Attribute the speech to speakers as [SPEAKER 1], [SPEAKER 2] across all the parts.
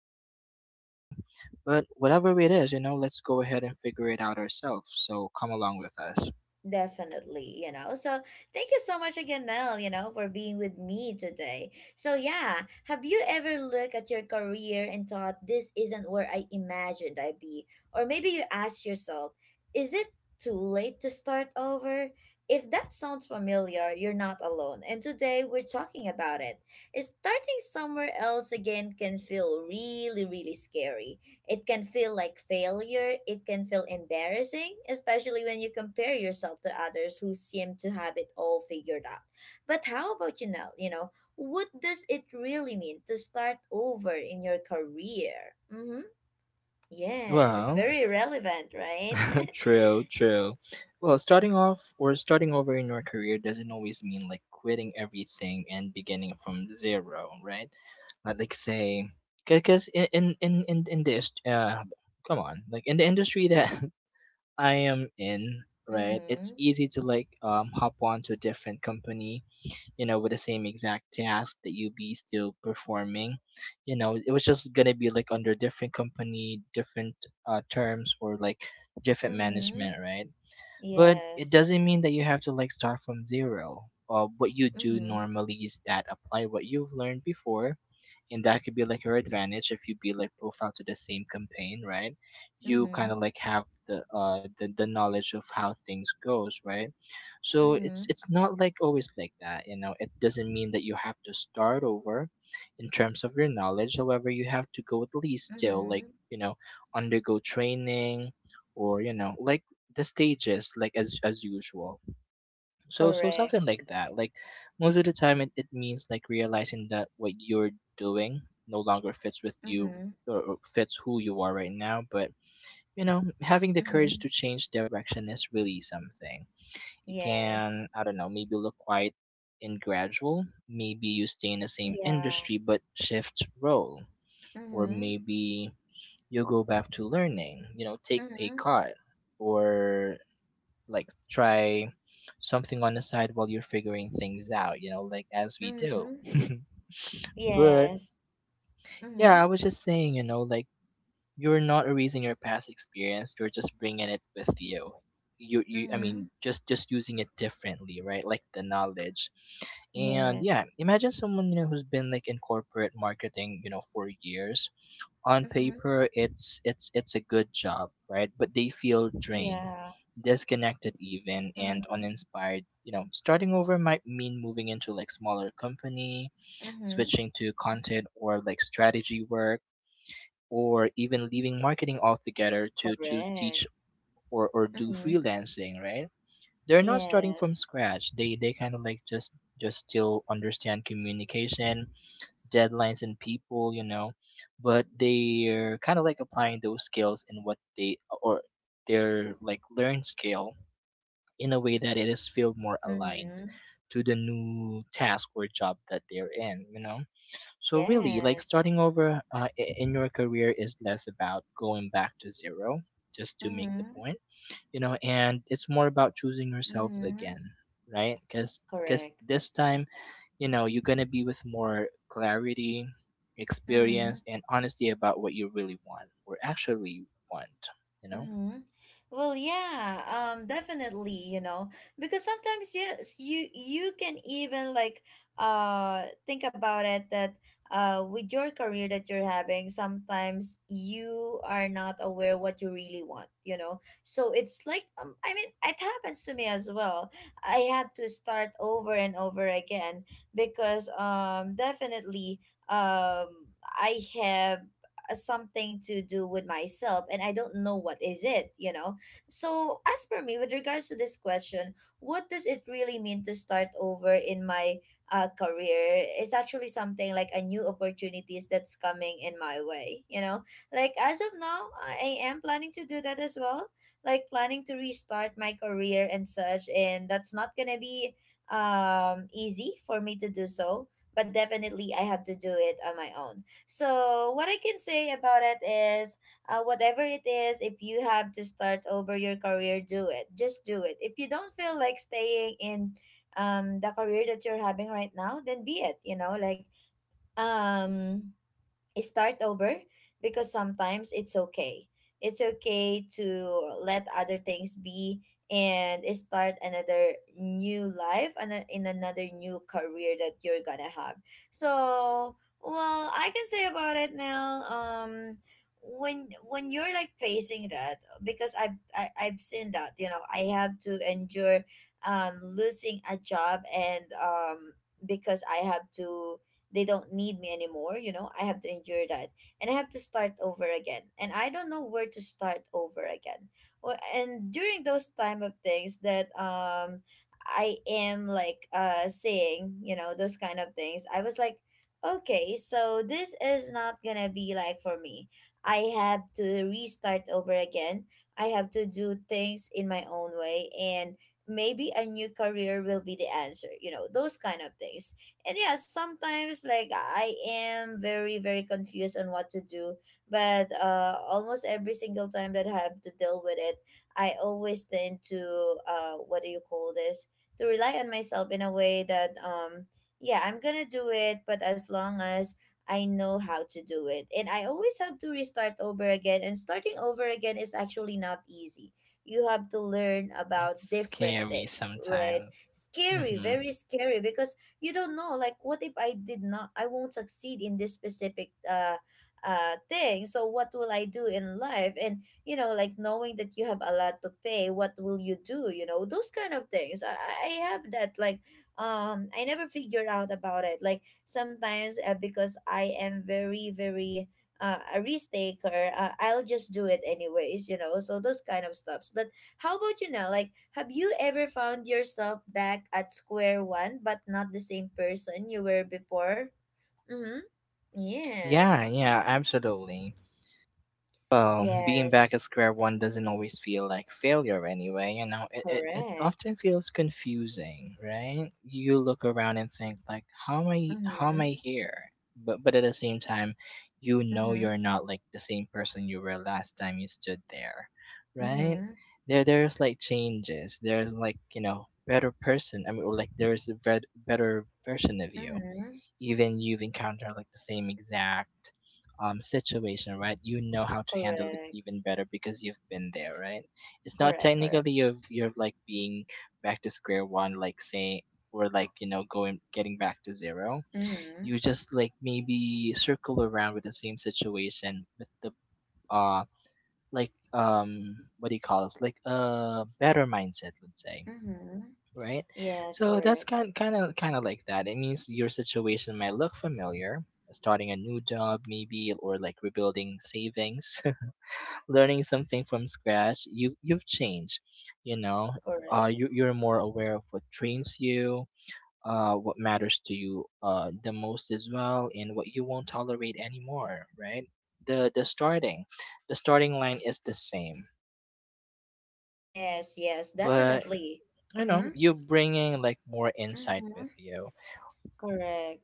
[SPEAKER 1] backward at all, you know? But whatever it is, you know, let's go ahead and figure it out ourselves. So come along with us.
[SPEAKER 2] Definitely, you know. So thank you so much again, Nell, you know, for being with me today. So yeah, have you ever looked at your career and thought this isn't where I imagined I'd be? Or maybe you ask yourself, is it too late to start over? If that sounds familiar, you're not alone. And today we're talking about it. Starting somewhere else again can feel really, really scary. It can feel like failure, it can feel embarrassing, especially when you compare yourself to others who seem to have it all figured out. But how about you now? You know, what does it really mean to start over in your career? Mm-hmm. Yes,
[SPEAKER 1] Well,
[SPEAKER 2] very relevant, right?
[SPEAKER 1] true. Well, starting off or starting over in your career doesn't always mean like quitting everything and beginning from zero, right? Like say, because in this, come on, like in the industry that I am in, right? It's
[SPEAKER 2] Mm-hmm.
[SPEAKER 1] easy to like hop on to a different company, you know, with the same exact task that you be still performing. You know, it was just gonna be like under different company, different terms or like different
[SPEAKER 2] Mm-hmm.
[SPEAKER 1] management, right? But it
[SPEAKER 2] Yes.
[SPEAKER 1] doesn't mean that you have to like start from zero. What you do
[SPEAKER 2] Mm-hmm.
[SPEAKER 1] normally is that apply what you've learned before, and that could be like your advantage if you be like profile to the same campaign, right? You kind
[SPEAKER 2] Mm-hmm.
[SPEAKER 1] of like have the the knowledge of how things goes, right? So it's
[SPEAKER 2] Mm-hmm.
[SPEAKER 1] it's not like always like that, you know. It doesn't mean that you have to start over in terms of your knowledge. However, you have to go at least still
[SPEAKER 2] Mm-hmm.
[SPEAKER 1] like, you know, undergo training or, you know, like the stages like as usual. So so
[SPEAKER 2] Correct.
[SPEAKER 1] something like that. Like most of the time it means like realizing that what you're doing no longer fits with you,
[SPEAKER 2] Mm-hmm.
[SPEAKER 1] or fits who you are right now, but you know, having the courage
[SPEAKER 2] Mm-hmm.
[SPEAKER 1] to change direction is really something. It can,
[SPEAKER 2] Yes.
[SPEAKER 1] I don't know, maybe look quite and gradual. Maybe you stay in the same
[SPEAKER 2] Yeah.
[SPEAKER 1] industry but shift role. Or
[SPEAKER 2] Mm-hmm.
[SPEAKER 1] maybe you go back to learning, you know, take pay
[SPEAKER 2] Mm-hmm.
[SPEAKER 1] cut. Or like try something on the side while you're figuring things out, you know, like as we do.
[SPEAKER 2] Mm-hmm.
[SPEAKER 1] But
[SPEAKER 2] Yes. Mm-hmm.
[SPEAKER 1] yeah, I was just saying, you know, like you're not erasing your past experience, you're just bringing it with you. You I
[SPEAKER 2] Mm-hmm.
[SPEAKER 1] mean, just using it differently, right? Like the knowledge. And yeah,
[SPEAKER 2] Yes.
[SPEAKER 1] imagine someone, you know, who's been like in corporate marketing, you know, for years. On
[SPEAKER 2] Mm-hmm.
[SPEAKER 1] paper it's a good job, right? But they feel drained,
[SPEAKER 2] Yeah.
[SPEAKER 1] disconnected even and
[SPEAKER 2] Mm-hmm.
[SPEAKER 1] uninspired, you know. Starting over might mean moving into like smaller company,
[SPEAKER 2] Mm-hmm.
[SPEAKER 1] switching to content or like strategy work, or even leaving marketing altogether to
[SPEAKER 2] Correct.
[SPEAKER 1] teach or do
[SPEAKER 2] Mm-hmm.
[SPEAKER 1] freelancing, right? They're not starting from
[SPEAKER 2] Yes.
[SPEAKER 1] scratch. They kind of like just still understand communication, deadlines and people, you know, but they're kind of like applying those skills in what they or their like learn skill in a way that it is feel more aligned
[SPEAKER 2] Mm-hmm.
[SPEAKER 1] to the new task or job that they're in, you know. So really, like
[SPEAKER 2] Yes.
[SPEAKER 1] starting over in your career is less about going back to zero, just to make the
[SPEAKER 2] Mm-hmm.
[SPEAKER 1] point, you know, and it's more about choosing yourself
[SPEAKER 2] Mm-hmm.
[SPEAKER 1] again, right? Because
[SPEAKER 2] Correct.
[SPEAKER 1] this time, you know, you're gonna be with more clarity,
[SPEAKER 2] Mm-hmm.
[SPEAKER 1] experience, and honesty about what you really want or actually want, you know.
[SPEAKER 2] Mm-hmm. Well, yeah, definitely, you know, because sometimes yes, you can even like think about it that with your career that you're having, sometimes you are not aware what you really want, you know. So it's like, I mean, it happens to me as well. I had to start over and over again because definitely, I have something to do with myself and I don't know what is it, you know. So as per me, with regards to this question, what does it really mean to start over in my career? It's actually something like a new opportunities that's coming in my way, you know. Like as of now, I am planning to do that as well. Like planning to restart my career and such, and that's not gonna be easy for me to do so, but definitely I have to do it on my own. So what I can say about it is, whatever it is, if you have to start over your career, do it. Just do it. If you don't feel like staying in, the career that you're having right now, then be it. You know, like, um, start over because sometimes it's okay. It's okay to let other things be and start another new life and in another new career that you're gonna have. So, well, I can say about it now. When you're like facing that, because I've seen that. You know, I have to endure losing a job, and because I have to, they don't need me anymore, you know. I have to endure that, and I have to start over again, and I don't know where to start over again. Well, and during those time of things that, I am like, saying, you know, those kind of things, I was like, okay, so this is not gonna be like for me. I have to restart over again. I have to do things in my own way, and maybe a new career will be the answer, you know, those kind of things. And yeah, sometimes like I am very very confused on what to do. But almost every single time that I have to deal with it, I always tend to, what do you call this, to rely on myself in a way that, yeah, I'm gonna do it, but as long as I know how to do it. And I always have to restart over again, and starting over again is actually not easy. You have to learn
[SPEAKER 1] It's
[SPEAKER 2] about different
[SPEAKER 1] scary
[SPEAKER 2] things, right?
[SPEAKER 1] sometimes.
[SPEAKER 2] Scary,
[SPEAKER 1] Mm-hmm.
[SPEAKER 2] very scary, because you don't know like, what if I did not I won't succeed in this specific thing. So what will I do in life? And you know, like, knowing that you have a lot to pay, what will you do? You know those kind of things. I have that like, I never figure out about it. Like sometimes, because I am very very, a risk taker, I'll just do it anyways, you know, so those kind of stuffs. But how about you now? Like, have you ever found yourself back at square one, but not the same person you were before? Mm-hmm.
[SPEAKER 1] Yeah,
[SPEAKER 2] Yes.
[SPEAKER 1] yeah, absolutely. Well, being back
[SPEAKER 2] Yes.
[SPEAKER 1] at square one doesn't always feel like failure anyway, you know. It
[SPEAKER 2] Correct.
[SPEAKER 1] often feels confusing, right? You look around and think like, how am I how
[SPEAKER 2] Mm-hmm.
[SPEAKER 1] am I here? But at the same time, you know
[SPEAKER 2] Mm-hmm.
[SPEAKER 1] you're not like the same person you were last time you stood there, right?
[SPEAKER 2] Mm-hmm.
[SPEAKER 1] There's like changes. There's like, you know, better person. I mean or, like there's a better version of you,
[SPEAKER 2] Mm-hmm.
[SPEAKER 1] even you've encountered like the same exact situation, right? You know how to handle it
[SPEAKER 2] Correct.
[SPEAKER 1] even better because you've been there, right? It's not
[SPEAKER 2] Correct. Correct.
[SPEAKER 1] technically you're like being back to square one, like saying or like, you know, going getting back to zero.
[SPEAKER 2] Mm-hmm.
[SPEAKER 1] You just like maybe circle around with the same situation with the uh like what do you call this, like a better mindset, let's say,
[SPEAKER 2] Mm-hmm.
[SPEAKER 1] right?
[SPEAKER 2] Yes.
[SPEAKER 1] So that's
[SPEAKER 2] Correct.
[SPEAKER 1] kind of like that. It means your situation might look familiar, starting a new job maybe or like rebuilding savings, learning something from scratch. You you've changed, you know.
[SPEAKER 2] Correct.
[SPEAKER 1] You're more aware of what trains you, what matters to you the most as well, and what you won't tolerate anymore, right? The the starting, the starting line is the same,
[SPEAKER 2] Yes. Yes.
[SPEAKER 1] but
[SPEAKER 2] Definitely.
[SPEAKER 1] you know
[SPEAKER 2] Mm-hmm.
[SPEAKER 1] you're bringing like more insight
[SPEAKER 2] Mm-hmm.
[SPEAKER 1] with you.
[SPEAKER 2] Correct.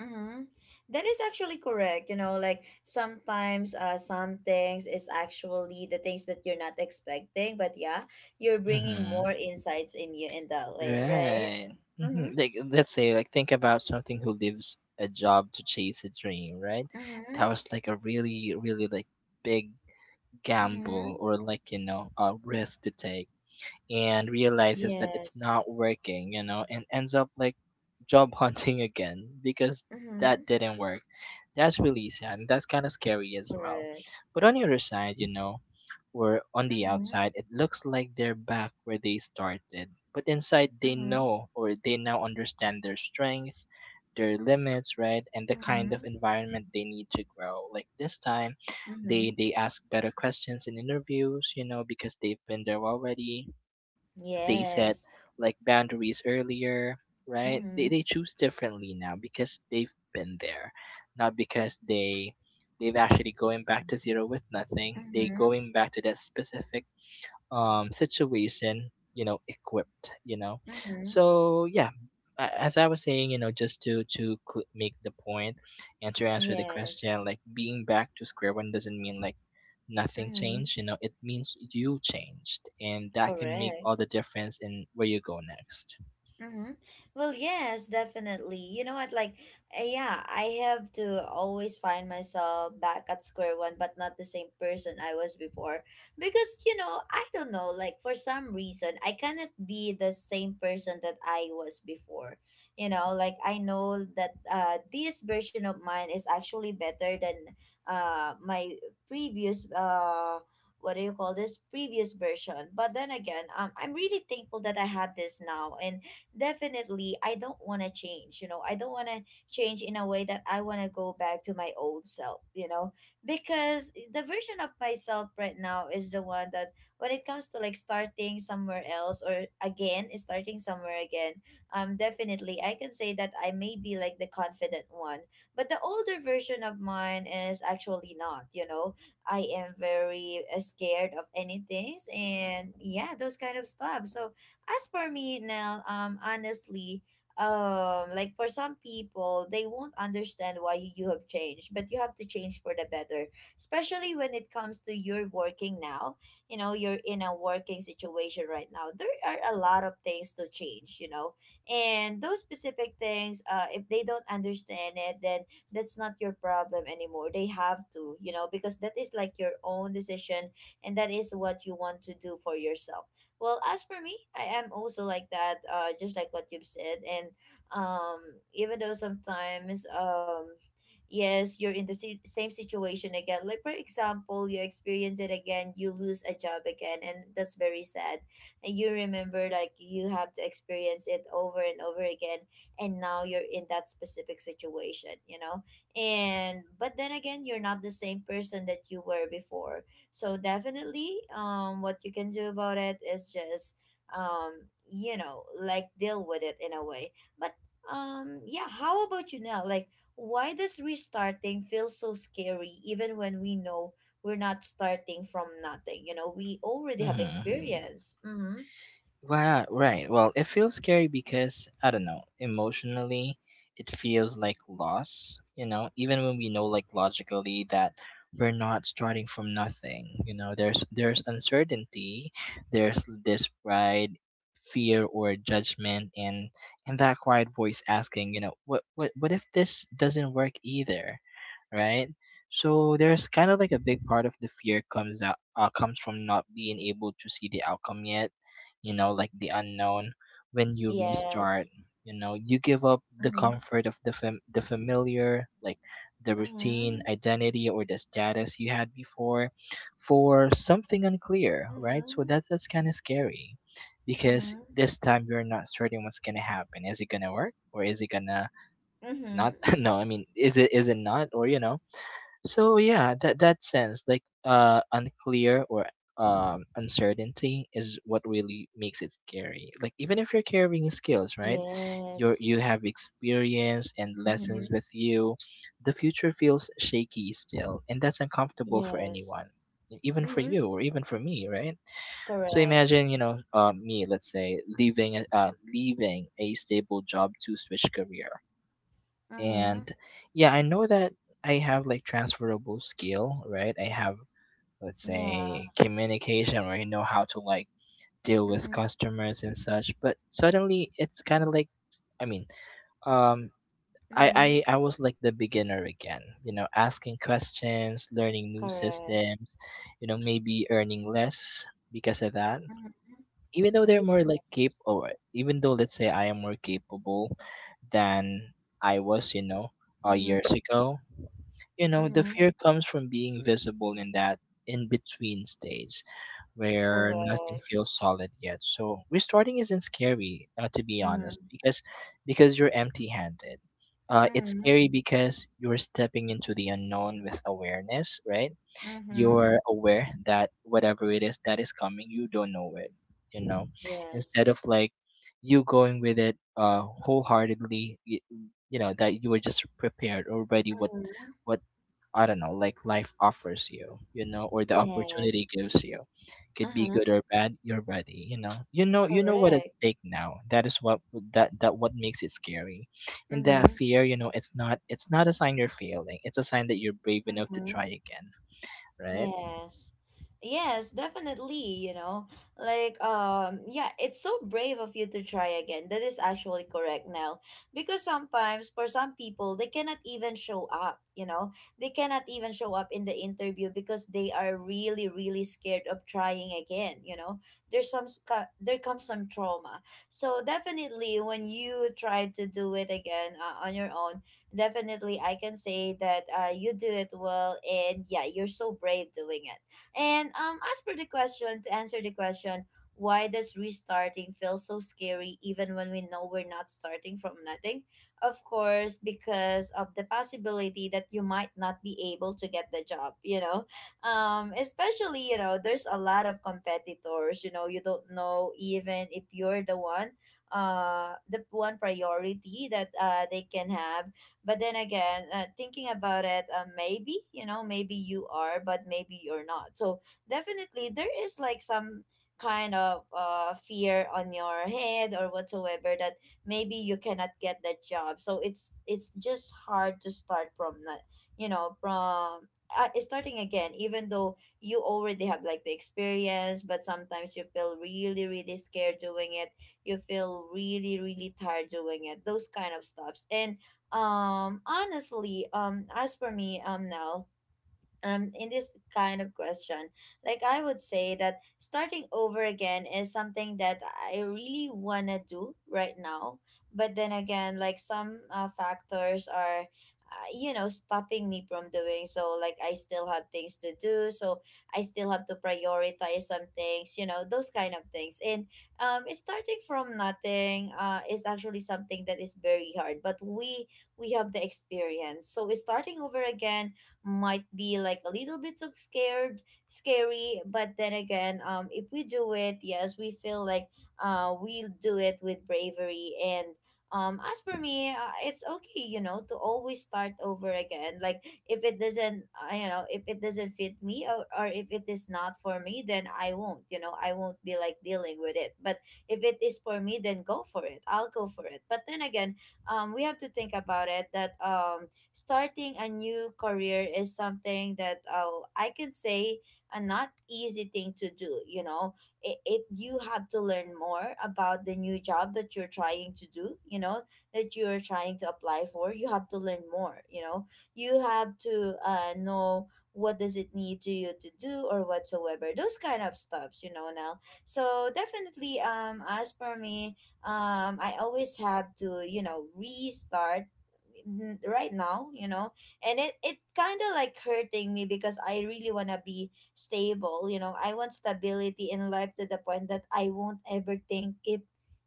[SPEAKER 2] Mm-hmm. That is actually correct. You know, like sometimes, some things is actually the things that you're not expecting, but yeah, you're bringing more
[SPEAKER 1] Mhm.
[SPEAKER 2] insights in you in that way, right?
[SPEAKER 1] Right.
[SPEAKER 2] Mm-hmm.
[SPEAKER 1] Like let's say like think about something who leaves a job to chase a dream, right?
[SPEAKER 2] Mm-hmm.
[SPEAKER 1] That was like a really like big
[SPEAKER 2] Mm-hmm.
[SPEAKER 1] gamble or like, you know, a risk to take, and realizes that it's
[SPEAKER 2] Yes.
[SPEAKER 1] not working, you know, and ends up like job hunting again because
[SPEAKER 2] Mm-hmm.
[SPEAKER 1] that didn't work. That's really sad and that's kind of scary as well.
[SPEAKER 2] Correct.
[SPEAKER 1] But on the other side, you know, or on the
[SPEAKER 2] Mm-hmm.
[SPEAKER 1] outside, it looks like they're back where they started. But inside, they
[SPEAKER 2] Mm-hmm.
[SPEAKER 1] know or they now understand their strength, their limits, right, and the kind
[SPEAKER 2] Mm-hmm.
[SPEAKER 1] of environment they need to grow. Like this time,
[SPEAKER 2] Mm-hmm.
[SPEAKER 1] they ask better questions in interviews, you know, because they've been there already. They set
[SPEAKER 2] Yes.
[SPEAKER 1] like boundaries earlier, right? they,
[SPEAKER 2] Mm-hmm.
[SPEAKER 1] they choose differently now because they've been there, not because they they've actually going back to zero with nothing, they
[SPEAKER 2] Mm-hmm.
[SPEAKER 1] going back to that specific situation, you know, equipped, you know.
[SPEAKER 2] Mm-hmm.
[SPEAKER 1] So yeah, as I was saying, you know, just to make the point and to answer the
[SPEAKER 2] Yes.
[SPEAKER 1] question, like being back to square one doesn't mean like nothing
[SPEAKER 2] Mm-hmm.
[SPEAKER 1] changed, you know. It means you changed, and that can make
[SPEAKER 2] Correct.
[SPEAKER 1] all the difference in where you go next.
[SPEAKER 2] Mm-hmm. Well, yes, definitely. You know what? Like, yeah, I have to always find myself back at square one, but not the same person I was before. Because, you know, I don't know, like, for some reason, I cannot be the same person that I was before. You know, like, I know that, this version of mine is actually better than, my previous, what do you call this? Previous version. But then again, I'm really thankful that I have this now. And definitely I don't want to change. You know, I don't want to change in a way that I want to go back to my old self, you know, because the version of myself right now is the one that, when it comes to like starting somewhere else or again, starting somewhere again, definitely I can say that I may be like the confident one. But the older version of mine is actually not, you know, I am very, scared of anything, and yeah, those kind of stuff. So, as for me now, honestly, like for some people, they won't understand why you have changed, but you have to change for the better. Especially when it comes to your working now, you know, you're in a working situation right now. There are a lot of things to change, you know, and those specific things, if they don't understand it, then that's not your problem anymore. They have to, you know, because that is like your own decision, and that is what you want to do for yourself. Well, as for me, I am also like that, just like what you've said. And, even though sometimes, yes, you're in the same situation again. Like, for example, you experience it again, you lose a job again, and that's very sad. And you remember, like, you have to experience it over and over again, and now you're in that specific situation, you know? And but then again, you're not the same person that you were before. So definitely, what you can do about it is just, you know, like deal with it in a way. But yeah, how about you now? Like, why does restarting feel so scary, even when we know we're not starting from nothing? You know, we already have
[SPEAKER 1] Mm-hmm.
[SPEAKER 2] experience. Mm-hmm.
[SPEAKER 1] Wow, right. Well, it feels scary because I don't know, emotionally it feels like loss, you know, even when we know like logically that we're not starting from nothing, you know. There's uncertainty, there's this pride, fear or judgment, and that quiet voice asking, you know, what if this doesn't work either? Right? So there's kind of like a big part of the fear comes out comes from not being able to see the outcome yet, you know, like the unknown. When you restart,
[SPEAKER 2] Yes.
[SPEAKER 1] you know, you give up the
[SPEAKER 2] Mm-hmm.
[SPEAKER 1] comfort of the the familiar, like the routine,
[SPEAKER 2] Mm-hmm.
[SPEAKER 1] identity, or the status you had before, for something unclear, right? So
[SPEAKER 2] Mm-hmm.
[SPEAKER 1] that that's kind of scary, because
[SPEAKER 2] Mm-hmm.
[SPEAKER 1] this time you're not certain what's gonna happen. Is it gonna work, or is it gonna
[SPEAKER 2] Mm-hmm.
[SPEAKER 1] not? No, I mean, is it not, or you know. So yeah, that that sense like unclear or uncertainty is what really makes it scary. Like even if you're carrying skills, right?
[SPEAKER 2] Yes.
[SPEAKER 1] You have experience and lessons
[SPEAKER 2] Mm-hmm.
[SPEAKER 1] with you, the future feels shaky still, and that's uncomfortable for
[SPEAKER 2] Yes.
[SPEAKER 1] anyone. E, Even for
[SPEAKER 2] Mm-hmm.
[SPEAKER 1] you, or even for me, right? So
[SPEAKER 2] Correct.
[SPEAKER 1] imagine, you know, me, let's say, leaving, leaving a stable job to switch career.
[SPEAKER 2] Mm-hmm.
[SPEAKER 1] And yeah, I know that I have like transferable skill, right? I have, let's
[SPEAKER 2] Yeah.
[SPEAKER 1] say, communication, where I know how to like deal with
[SPEAKER 2] Mm-hmm.
[SPEAKER 1] customers and such, but suddenly it's kind of like I mean um I,
[SPEAKER 2] Mm-hmm.
[SPEAKER 1] I i was like the beginner again, you know, asking questions, learning new
[SPEAKER 2] Correct.
[SPEAKER 1] systems, you know, maybe earning less because of that,
[SPEAKER 2] Mm-hmm.
[SPEAKER 1] even though they're more like
[SPEAKER 2] Yes.
[SPEAKER 1] capable, even though let's say I am more capable than I was, you know,
[SPEAKER 2] Mm-hmm.
[SPEAKER 1] years ago, you know. The
[SPEAKER 2] Mm-hmm.
[SPEAKER 1] fear comes from being visible in that in between stage where nothing
[SPEAKER 2] Correct.
[SPEAKER 1] feels solid yet. So restarting isn't scary, to be
[SPEAKER 2] Mm-hmm.
[SPEAKER 1] honest, because you're empty-handed. It's
[SPEAKER 2] Mm-hmm.
[SPEAKER 1] scary because you're stepping into the unknown with awareness, right?
[SPEAKER 2] Mm-hmm.
[SPEAKER 1] You're aware that whatever it is that is coming, you don't know it. You know,
[SPEAKER 2] Yes.
[SPEAKER 1] instead of like you going with it wholeheartedly, you know that you were just prepared already. What
[SPEAKER 2] Mm-hmm.
[SPEAKER 1] what I don't know, like life offers you, you know, or the opportunity
[SPEAKER 2] Yes.
[SPEAKER 1] gives you. Could be
[SPEAKER 2] Uh-huh.
[SPEAKER 1] good or bad, you're ready, you know. You know you know what at
[SPEAKER 2] Correct.
[SPEAKER 1] stake now. That is what that what makes it scary. In that
[SPEAKER 2] Mm-hmm.
[SPEAKER 1] fear, you know, it's not a sign you're failing. It's a sign that you're brave enough to
[SPEAKER 2] Mm-hmm.
[SPEAKER 1] try again, right?
[SPEAKER 2] Yes. Yes, definitely, you know. Like, yeah, it's so brave of you to try again. That is actually correct now. Because sometimes for some people they cannot even show up, you know. They cannot even show up in the interview because they are really really scared of trying again, you know. There's there comes some trauma. So definitely when you try to do it again, on your own, definitely I can say that, you do it well, and yeah, you're so brave doing it. And, as for the question, to answer the question, why does restarting feel so scary even when we know we're not starting from nothing? Of course, because of the possibility that you might not be able to get the job, you know? Especially, you know, there's a lot of competitors, you know, you don't know even if you're the one, the one priority that, they can have. But then again, thinking about it, maybe, you know, maybe you are, but maybe you're not. So definitely there is like some kind of, fear on your head or whatsoever, that maybe you cannot get that job. So it's just hard to start from not, you know, from starting again, even though you already have like the experience, but sometimes you feel really, really scared doing it. You feel really, really tired doing it, those kind of stuffs. And honestly, as for me, now, in this kind of question, like I would say that starting over again is something that I really want to do right now. But then again, like some factors are, you know, stopping me from doing so. Like I still have things to do, so I still have to prioritize some things, you know, those kind of things. And starting from nothing is actually something that is very hard, but we have the experience, so starting over again might be like a little bit of scared, scary. But then again, if we do it, yes, we feel like we'll do it with bravery. And as for me, it's okay, you know, to always start over again. Like if it doesn't, you know, if it doesn't fit me, or if it is not for me, then I won't, you know, I won't be like dealing with it. But if it is for me, then go for it, I'll go for it. But then again, we have to think about it that starting a new career is something that, I can say, a not easy thing to do. You know, it, you have to learn more about the new job that you're trying to do. You know, that you are trying to apply for. You have to learn more. You know, you have to know what does it need to you to do or whatsoever, those kind of stuffs, you know. Now, so definitely, as for me, I always have to, you know, restart right now, you know. And it kind of like hurting me, because I really want to be stable, you know. I want stability in life to the point that I won't ever think if,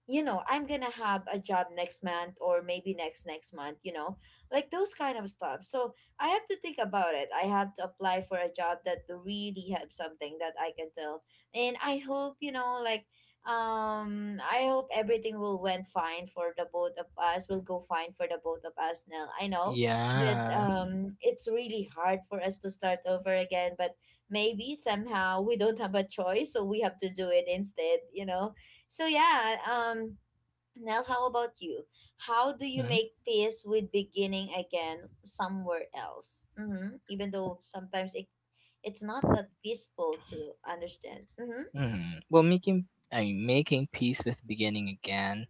[SPEAKER 2] you know, I'm gonna have a job next month or maybe next month, you know. Like those kind of stuff. So I have to think about it, I have to apply for a job that really have something that I can tell. And I hope, you know, like I hope everything will went fine for the both of us. Will go fine for the both of us now. I know that
[SPEAKER 1] Yeah.
[SPEAKER 2] it's really hard for us to start over again, but maybe somehow we don't have a choice, so we have to do it instead, you know. So yeah, Nell, how about you? How do you
[SPEAKER 1] Mm-hmm.
[SPEAKER 2] make peace with beginning again somewhere else? Mm-hmm. Even though sometimes it's not that peaceful to understand. Mm-hmm.
[SPEAKER 1] Mm-hmm. Well, making peace with beginning again.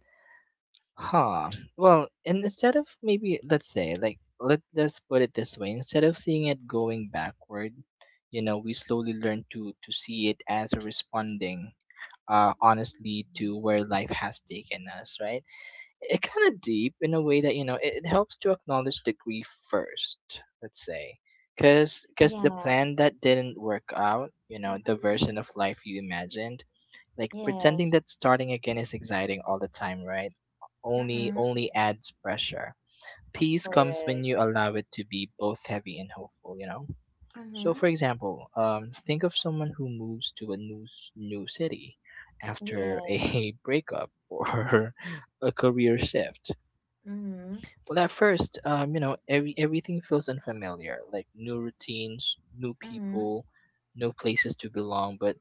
[SPEAKER 1] Huh. Well, and instead of maybe let's say like let's put it this way, instead of seeing it going backward, you know, we slowly learn to see it as a responding, honestly, to where life has taken us, right? It kind of deep in a way that you know it helps to acknowledge the grief first, let's say. Cause
[SPEAKER 2] Yeah.
[SPEAKER 1] the plan that didn't work out, you know, the version of life you imagined, like pretending
[SPEAKER 2] Yes.
[SPEAKER 1] that starting again is exciting all the time, right? Only
[SPEAKER 2] Mm-hmm.
[SPEAKER 1] only adds pressure. Peace comes when
[SPEAKER 2] Correct.
[SPEAKER 1] you allow it to be both heavy and hopeful, you know? So
[SPEAKER 2] Mm-hmm.
[SPEAKER 1] for example, think of someone who moves to a new new city after
[SPEAKER 2] Yes.
[SPEAKER 1] a breakup or a career shift.
[SPEAKER 2] Mm-hmm.
[SPEAKER 1] Well, at first, you know, everything feels unfamiliar, like new routines, new
[SPEAKER 2] Mm-hmm.
[SPEAKER 1] people, new places to belong. But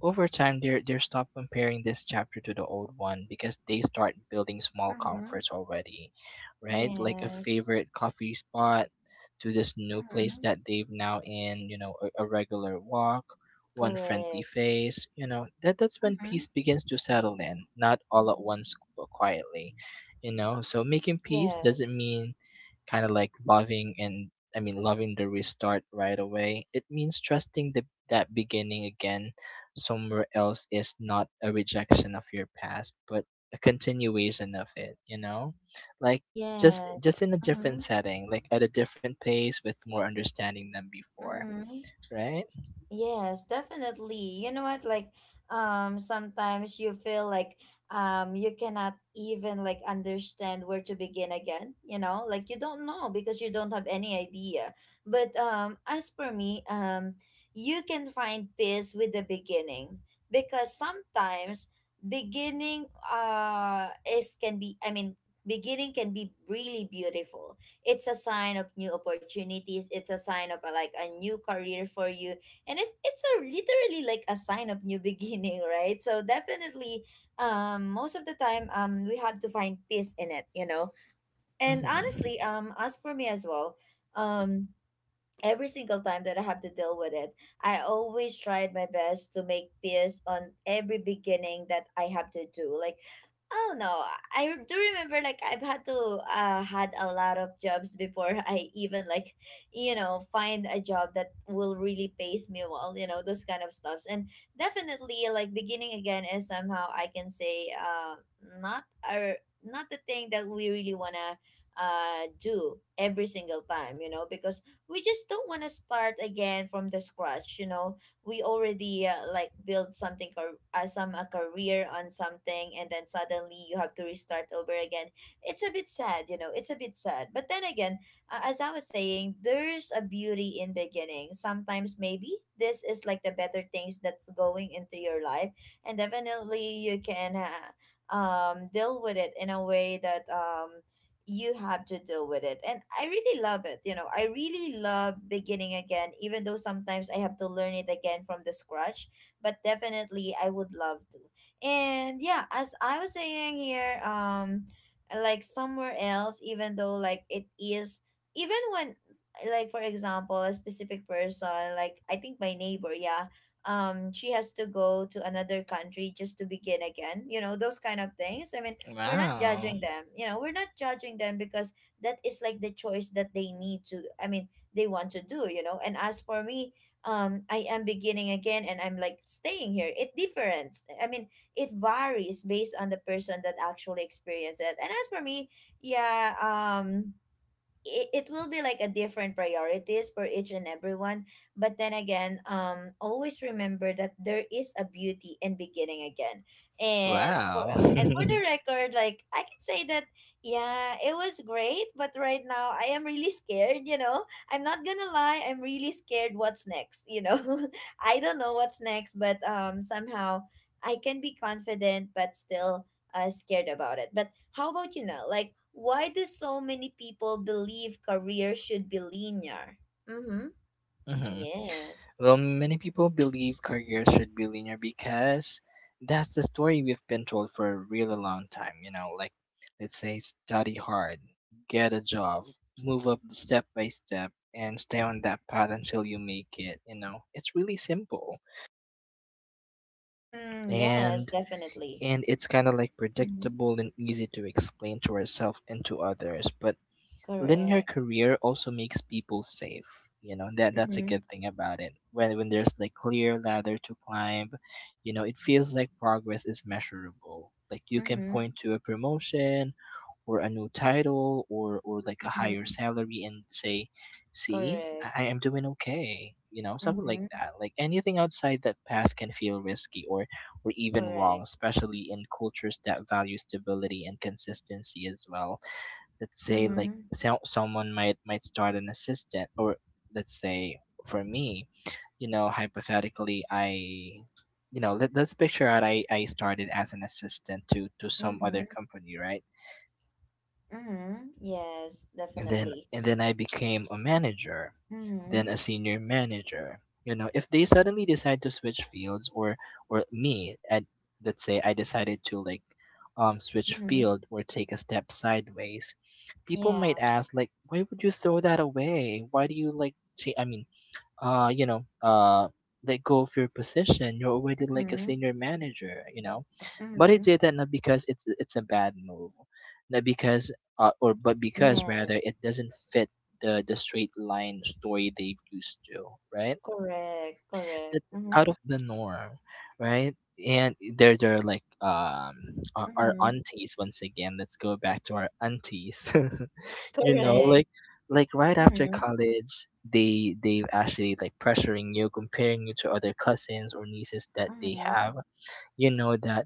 [SPEAKER 1] over time, they're stop comparing this chapter to the old one because they start building small
[SPEAKER 2] Mm-hmm.
[SPEAKER 1] comforts already, right, like a
[SPEAKER 2] Yes.
[SPEAKER 1] favorite coffee spot to this new place
[SPEAKER 2] Mm-hmm.
[SPEAKER 1] that they've now in, you know, a regular walk, one friendly
[SPEAKER 2] Correct.
[SPEAKER 1] face, you know, that's when
[SPEAKER 2] Mm-hmm.
[SPEAKER 1] peace begins to settle in, not all at once but quietly, you know. So making peace doesn't
[SPEAKER 2] Yes,
[SPEAKER 1] mean kind of like loving and, I mean loving the restart right away. It means trusting the that beginning again somewhere else is not a rejection of your past, but a continuation of it, you know, like just
[SPEAKER 2] yes.
[SPEAKER 1] just in a different
[SPEAKER 2] Mm-hmm.
[SPEAKER 1] setting, like at a different pace, with more understanding than before,
[SPEAKER 2] Mm-hmm.
[SPEAKER 1] right?
[SPEAKER 2] Yes, definitely. You know what? Like, sometimes you feel like you cannot even like understand where to begin again, you know? Like you don't know because you don't have any idea. But as for me, you can find peace with the beginning, because sometimes beginning uh is can be I mean beginning can be really beautiful. It's a sign of new opportunities, it's a sign of, like a new career for you, and it's a literally like a sign of new beginning, right? So definitely, most of the time, we have to find peace in it, you know. And honestly,
[SPEAKER 1] Hmm.
[SPEAKER 2] as for me as well, um every single time that I have to deal with it, I always tried my best to make peace on every beginning that I have to do. Like, oh no, I do remember like I've had to had a lot of jobs before I even like, you know, find a job that will really pays me well, you know, those kind of stuffs. And definitely like beginning again is somehow, I can say, not our, not the thing that we really want to do every single time, you know, because we just don't want to start again from the scratch, you know. We already, like build something or some a career on something, and then suddenly you have to restart over again. It's a bit sad, you know, it's a bit sad. But then again, as I was saying, there's a beauty in beginning. Sometimes maybe this is like the better things that's going into your life. And definitely you can, deal with it in a way that you have to deal with it. And I really love it. You know, I really love beginning again, even though sometimes I have to learn it again from the scratch. But definitely, I would love to. And yeah, as I was saying here, like somewhere else, even though like it is, even when, like for example a specific person, like I think my neighbor, yeah, she has to go to another country just to begin again, you know, those kind of things. I mean, we're not
[SPEAKER 1] Wow.
[SPEAKER 2] judging them, you know, we're not judging them, because that is like the choice that they need to, I mean, they want to do, you know. And as for me, I am beginning again and I'm like staying here. It difference, I mean, it varies based on the person that actually experienced it. And as for me, yeah, it will be like a different priorities for each and everyone. But then again, always remember that there is a beauty in beginning again. And for,
[SPEAKER 1] Wow.
[SPEAKER 2] and for the record, like I can say that yeah, it was great, but right now I am really scared, you know. I'm not gonna lie, I'm really scared what's next, you know. I don't know what's next, but somehow I can be confident, but still, scared about it. But how about, you know, like why do so many people believe career should be linear? Mm-hmm.
[SPEAKER 1] Hmm.
[SPEAKER 2] Yes.
[SPEAKER 1] Well, many people believe careers should be linear because that's the story we've been told for a really long time. You know, like let's say study hard, get a job, move up step by step, and stay on that path until you make it. You know, it's really simple,
[SPEAKER 2] Mm, yes,
[SPEAKER 1] and
[SPEAKER 2] definitely.
[SPEAKER 1] and it's kind of like
[SPEAKER 2] Mm-hmm.
[SPEAKER 1] predictable and easy to explain to ourselves and to others. But linear
[SPEAKER 2] Correct.
[SPEAKER 1] career also makes people safe. You know, that's a
[SPEAKER 2] Mm-hmm.
[SPEAKER 1] good thing about it. When there's like clear ladder to climb, you know, it feels like progress is measurable. Like you can
[SPEAKER 2] Mm-hmm.
[SPEAKER 1] point to a promotion, or a new title, or like a higher
[SPEAKER 2] Mm-hmm.
[SPEAKER 1] salary, and say, "See, I
[SPEAKER 2] Correct.
[SPEAKER 1] am doing okay." You know, something like
[SPEAKER 2] Mm-hmm.
[SPEAKER 1] that. Like anything outside that path can feel risky or even wrong,
[SPEAKER 2] Correct.
[SPEAKER 1] especially in cultures that value stability and consistency as well. Let's say like
[SPEAKER 2] Mm-hmm.
[SPEAKER 1] someone might start an assistant, or let's say for me, you know, hypothetically, I you know let, let's picture out, I started as an assistant to some
[SPEAKER 2] Mm-hmm.
[SPEAKER 1] other company, right?
[SPEAKER 2] Mm-hmm. Yes,
[SPEAKER 1] and then
[SPEAKER 2] definitely.
[SPEAKER 1] and then I became a manager,
[SPEAKER 2] Mm-hmm.
[SPEAKER 1] then a senior manager. You know, if they suddenly decide to switch fields, or me, and let's say I decided to like switch
[SPEAKER 2] Mm-hmm.
[SPEAKER 1] field or take a step sideways, people
[SPEAKER 2] Yeah.
[SPEAKER 1] might ask like, why would you throw that away? Why do you like? I mean, you know, let go of your position. You're already like a
[SPEAKER 2] Mm-hmm.
[SPEAKER 1] senior manager, you know. But
[SPEAKER 2] Mm-hmm.
[SPEAKER 1] it did that not because it's a bad move, not because, or, but because rather
[SPEAKER 2] Yes.
[SPEAKER 1] it doesn't fit the straight line story they've used to, right?
[SPEAKER 2] Correct. Correct.
[SPEAKER 1] that- that's
[SPEAKER 2] Mm-hmm.
[SPEAKER 1] out of the norm, right? And there are like, our,
[SPEAKER 2] Mm-hmm.
[SPEAKER 1] aunties once again. Let's go back to our aunties. You know,
[SPEAKER 2] Correct.
[SPEAKER 1] like right after
[SPEAKER 2] Mm-hmm.
[SPEAKER 1] college, they actually like pressuring you, comparing you to other cousins or nieces that they
[SPEAKER 2] Mm-hmm.
[SPEAKER 1] have, you know, that,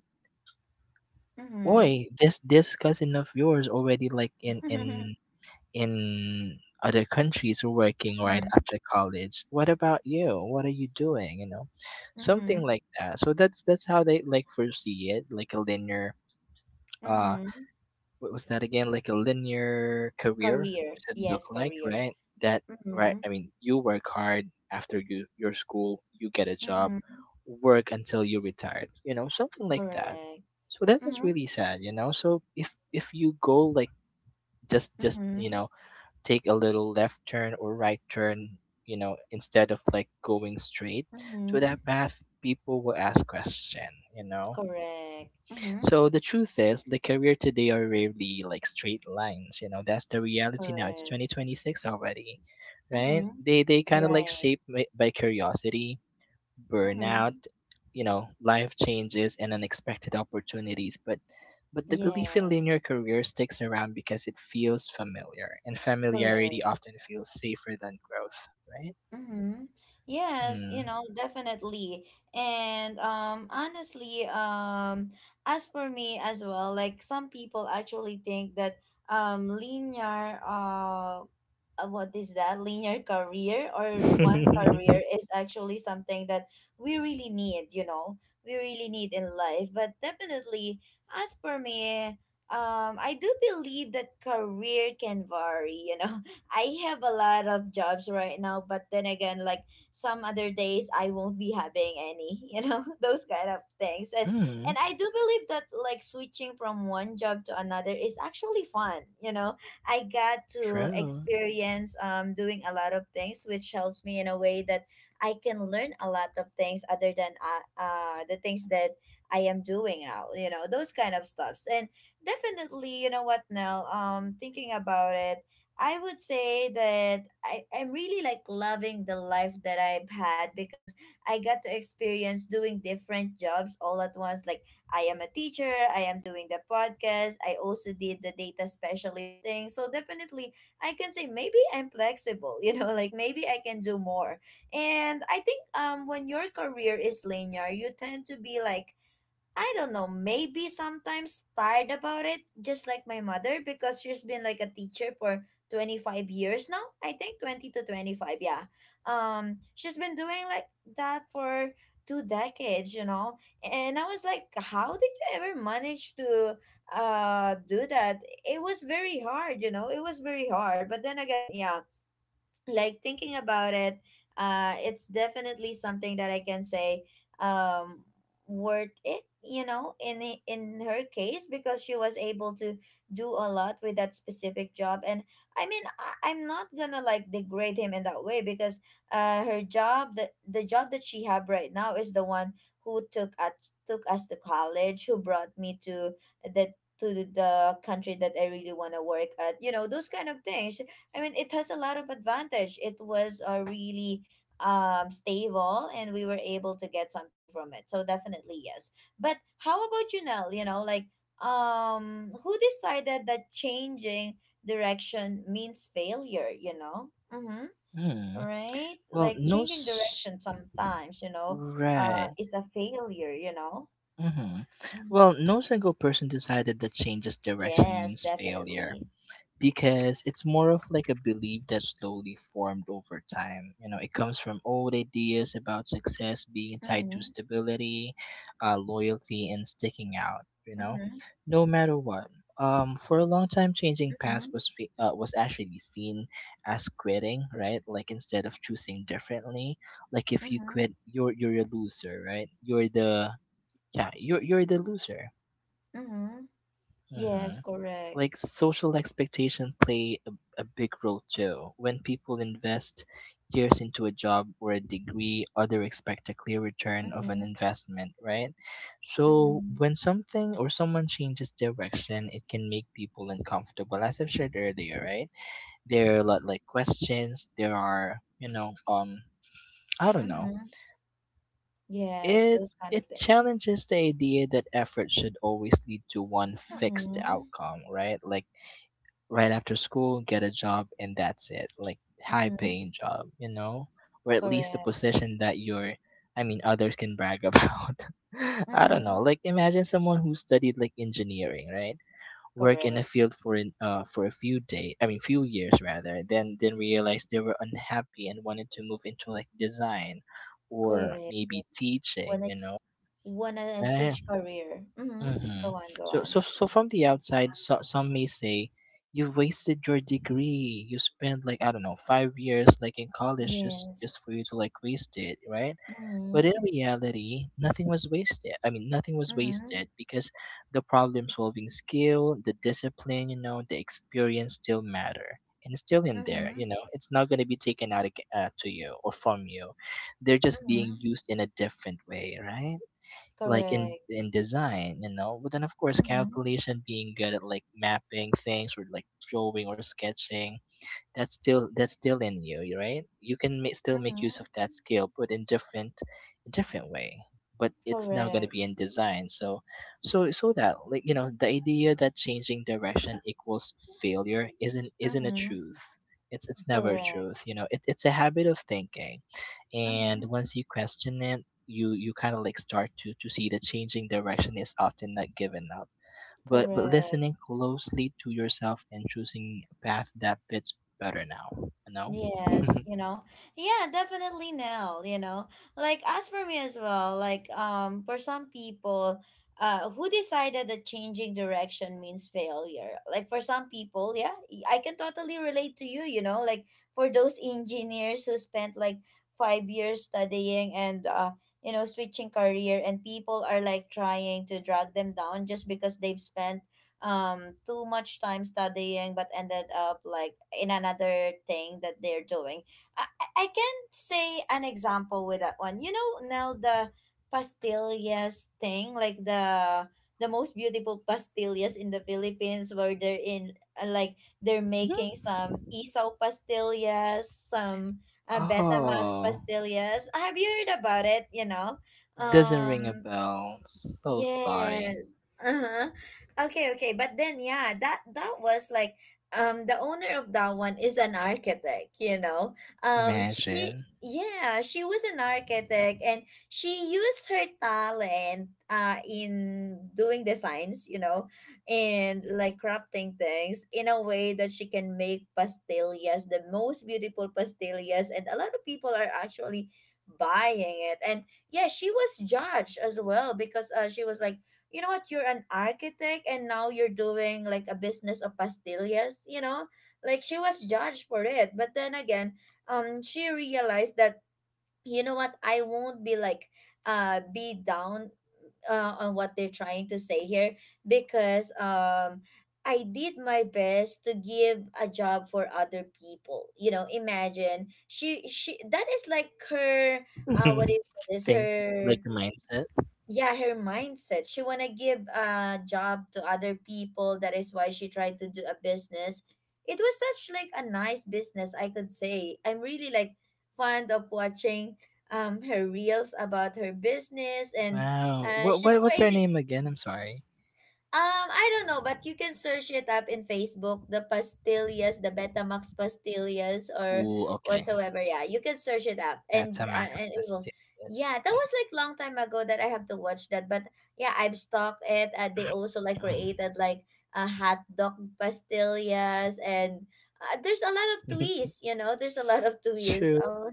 [SPEAKER 1] oi,
[SPEAKER 2] Mm-hmm.
[SPEAKER 1] this cousin of yours already like in
[SPEAKER 2] Mm-hmm.
[SPEAKER 1] in in other countries working right after college, what about you, what are you doing, you know,
[SPEAKER 2] Mm-hmm.
[SPEAKER 1] something like that. So that's how they like foresee it, like a linear, uh
[SPEAKER 2] Mm-hmm.
[SPEAKER 1] what was that again? Like a linear career
[SPEAKER 2] Career.
[SPEAKER 1] should look
[SPEAKER 2] Yes,
[SPEAKER 1] like,
[SPEAKER 2] career.
[SPEAKER 1] right? That right.
[SPEAKER 2] Mm-hmm.
[SPEAKER 1] I mean, you work hard after your school, you get a job,
[SPEAKER 2] Mm-hmm.
[SPEAKER 1] work until you retired. You know, something like that.
[SPEAKER 2] Correct.
[SPEAKER 1] So that is
[SPEAKER 2] Mm-hmm.
[SPEAKER 1] really sad, you know. So if you go like just
[SPEAKER 2] Mm-hmm.
[SPEAKER 1] you know, take a little left turn or right turn, you know, instead of like going straight to
[SPEAKER 2] Mm-hmm.
[SPEAKER 1] that path, people will ask question, you know.
[SPEAKER 2] Correct. Mm-hmm.
[SPEAKER 1] So the truth is, the career today are rarely like straight lines. You know, that's the reality now. It's
[SPEAKER 2] Correct.
[SPEAKER 1] 2026 already, right?
[SPEAKER 2] Mm-hmm.
[SPEAKER 1] They kind of like
[SPEAKER 2] Right.
[SPEAKER 1] shaped by curiosity, burnout,
[SPEAKER 2] Mm-hmm.
[SPEAKER 1] you know, life changes and unexpected opportunities. But the belief in
[SPEAKER 2] Yes.
[SPEAKER 1] linear career sticks around because it feels familiar, and
[SPEAKER 2] Correct.
[SPEAKER 1] familiarity often feels safer than growth,
[SPEAKER 2] Mm-hmm. Yes, you
[SPEAKER 1] right?
[SPEAKER 2] know, definitely. And honestly, as for me as well, like some people actually think that linear what is that linear career or one
[SPEAKER 1] Mm.
[SPEAKER 2] career is actually something that we really need, you know, we really need in life. But definitely, as for me, I do believe that career can vary, you know. I have a lot of jobs right now, but then again, like some other days I won't be having any, you know, those kind of things.
[SPEAKER 1] Mm.
[SPEAKER 2] And I do believe that like switching from one job to another is actually fun, you know. I got to
[SPEAKER 1] True.
[SPEAKER 2] experience doing a lot of things, which helps me in a way that I can learn a lot of things other than the things that I am doing now, you know, those kind of stuffs. And definitely, you know what, Nell, thinking about it, I would say that I'm really like loving the life that I've had, because I got to experience doing different jobs all at once. Like I am a teacher, I am doing the podcast, I also did the data specialist thing. So definitely I can say maybe I'm flexible, you know, like maybe I can do more. And I think when your career is linear, you tend to be like, I don't know, maybe sometimes tired about it, just like my mother, because she's been like a teacher for 25 years now. I think 20 to 25, yeah. She's been doing like that for two decades, you know. And I was like, how did you ever manage to do that? It was very hard, you know. It was very hard. But then again, yeah, like thinking about it, it's definitely something that I can say um worth it, you know, in in her case, because she was able to do a lot with that specific job. And I mean, I'm not gonna like degrade him in that way, because her job, the job that she have right now is the one who took us, took us to college, who brought me to the, to the country that I really want to work at, you know, those kind of things. I mean, it has a lot of advantage. It was, really, stable, and we were able to get something from it. So definitely yes. But how about you, Nell? You know, like who decided that changing direction means failure? You know, mm-hmm.
[SPEAKER 1] Mm.
[SPEAKER 2] Right?
[SPEAKER 1] Well,
[SPEAKER 2] Like
[SPEAKER 1] no,
[SPEAKER 2] changing direction sometimes,
[SPEAKER 1] right.
[SPEAKER 2] is a failure.
[SPEAKER 1] Hmm.
[SPEAKER 2] Mhm.
[SPEAKER 1] Well, no single person decided that change's direction
[SPEAKER 2] Yes,
[SPEAKER 1] means failure
[SPEAKER 2] definitely.
[SPEAKER 1] because it's more of like a belief that slowly formed over time. You know, it comes from old ideas about success being tied to
[SPEAKER 2] Mm-hmm.
[SPEAKER 1] stability, loyalty, and sticking out. You know,
[SPEAKER 2] Mm-hmm.
[SPEAKER 1] no matter what. For a long time, changing paths
[SPEAKER 2] Mm-hmm.
[SPEAKER 1] was was actually seen as quitting, right? Like instead of choosing differently, like if you
[SPEAKER 2] Mm-hmm.
[SPEAKER 1] quit, you're a loser, right? You're the Yeah, you're the loser.
[SPEAKER 2] Mm-hmm.
[SPEAKER 1] Hmm.
[SPEAKER 2] Yes, correct.
[SPEAKER 1] Like social expectation play a big role too. When people invest years into a job or a degree, other expect a clear return of an
[SPEAKER 2] Mhm,
[SPEAKER 1] investment, right? So
[SPEAKER 2] mhm,
[SPEAKER 1] when something or someone changes direction, it can make people uncomfortable. As I've shared earlier, right? There are a lot like questions. There are, you know, I don't know.
[SPEAKER 2] mhm. Yes,
[SPEAKER 1] It
[SPEAKER 2] those kind of
[SPEAKER 1] it
[SPEAKER 2] things.
[SPEAKER 1] challenges the idea that effort should always lead to one fixed
[SPEAKER 2] Mhm,
[SPEAKER 1] outcome, right? Like right after school, get a job, and that's it. Like high
[SPEAKER 2] mhm,
[SPEAKER 1] paying job, you know? Or at least a
[SPEAKER 2] correct.
[SPEAKER 1] position that you're I mean, others can brag about. I don't know.
[SPEAKER 2] Mhm,
[SPEAKER 1] Like imagine someone who studied like engineering, right? Work in a
[SPEAKER 2] correct.
[SPEAKER 1] field for for a few day, I mean, few years rather, then realized they were unhappy and wanted to move into like design, or
[SPEAKER 2] Correct.
[SPEAKER 1] maybe teaching,
[SPEAKER 2] Wanna
[SPEAKER 1] you know.
[SPEAKER 2] wanna
[SPEAKER 1] Right.
[SPEAKER 2] switch career. Mhm,
[SPEAKER 1] Hmm.
[SPEAKER 2] go on, go
[SPEAKER 1] So,
[SPEAKER 2] on.
[SPEAKER 1] so, so from the outside, some may say you wasted your degree. You spent like, I don't know, 5 years like in college, just
[SPEAKER 2] Yes.
[SPEAKER 1] just for you to like waste it, right? But in
[SPEAKER 2] Mhm,
[SPEAKER 1] reality, nothing was wasted. I mean, nothing was
[SPEAKER 2] mhm,
[SPEAKER 1] wasted because the problem solving skill, the discipline, you know, the experience still matter, and it's still in there.
[SPEAKER 2] mhm,
[SPEAKER 1] You know, it's not gonna be taken out to you or from you. They're just being
[SPEAKER 2] mhm,
[SPEAKER 1] used in a different way, right? Like in
[SPEAKER 2] correct.
[SPEAKER 1] in design, you know. But then of course
[SPEAKER 2] Mhm,
[SPEAKER 1] calculation, being good at like mapping things, or like drawing or sketching, that's still in you, right? You can still make
[SPEAKER 2] mhm,
[SPEAKER 1] use of that skill, but in different way, but it's now going to
[SPEAKER 2] correct.
[SPEAKER 1] be in design. So that, like, you know, the idea that changing direction equals failure isn't a
[SPEAKER 2] Mhm,
[SPEAKER 1] truth. It's never a
[SPEAKER 2] correct.
[SPEAKER 1] truth, you know. It's a habit of thinking, and
[SPEAKER 2] Mhm.
[SPEAKER 1] once you question it, you kind of like start to see that changing direction is often not given up, but
[SPEAKER 2] Correct.
[SPEAKER 1] listening closely to yourself and choosing a path that fits better now, you know.
[SPEAKER 2] Yes, you know. Yeah, definitely, Nell, you know. Like as for me as well, like for some people who decided that changing direction means failure. Like for some people, yeah, I can totally relate to you, you know, like for those engineers who spent like 5 years studying and you know, switching career, and people are like trying to drag them down just because they've spent too much time studying but ended up like in another thing that they're doing. I can say an example with that one. You know, now the pastillas thing, like the most beautiful pastillas in the Philippines, where they're in, like they're making
[SPEAKER 1] Mhm.
[SPEAKER 2] some isaw pastillas, some betamax
[SPEAKER 1] Oh,
[SPEAKER 2] pastillas. Have you heard about it? You know,
[SPEAKER 1] doesn't ring a
[SPEAKER 2] um
[SPEAKER 1] bell, so sorry.
[SPEAKER 2] yes. Uh-huh. Okay, okay. But then yeah, that was like, the owner of that one is an architect, you know. She,
[SPEAKER 1] Imagine.
[SPEAKER 2] yeah, she was an architect, and she used her talent in doing designs, you know, and like crafting things in a way that she can make pastillas, the most beautiful pastillas, and a lot of people are actually buying it. And yeah, she was judged as well, because she was like, you know what, you're an architect and now you're doing like a business of pastillas, you know, like she was judged for it. But then again, she realized that, you know what, I won't be like be down on what they're trying to say here, because I did my best to give a job for other people. You know, imagine she that is like her what do you call this,
[SPEAKER 1] Think.
[SPEAKER 2] her
[SPEAKER 1] Like a mindset.
[SPEAKER 2] yeah, her mindset. She want to give a job to other people, that is why she tried to do a business. It was such like a nice business, I could say. I'm really like fond of watching her reels about her business. And
[SPEAKER 1] Wow. what,
[SPEAKER 2] she's
[SPEAKER 1] what what's her
[SPEAKER 2] creating,
[SPEAKER 1] name again? I'm sorry.
[SPEAKER 2] I don't know, but you can search it up in Facebook, the pastillas, the Betamax pastillas or
[SPEAKER 1] Cool, okay.
[SPEAKER 2] whatsoever. Yeah, you can search it up,
[SPEAKER 1] That's a max
[SPEAKER 2] and it will.
[SPEAKER 1] Bastidas.
[SPEAKER 2] Yeah, that was like long time ago that I have to watch that, but yeah, I've stalked it. And they also like
[SPEAKER 1] Okay.
[SPEAKER 2] created like a hot dog pastillas, and there's a lot of twists. You know, there's a lot of twists.
[SPEAKER 1] True,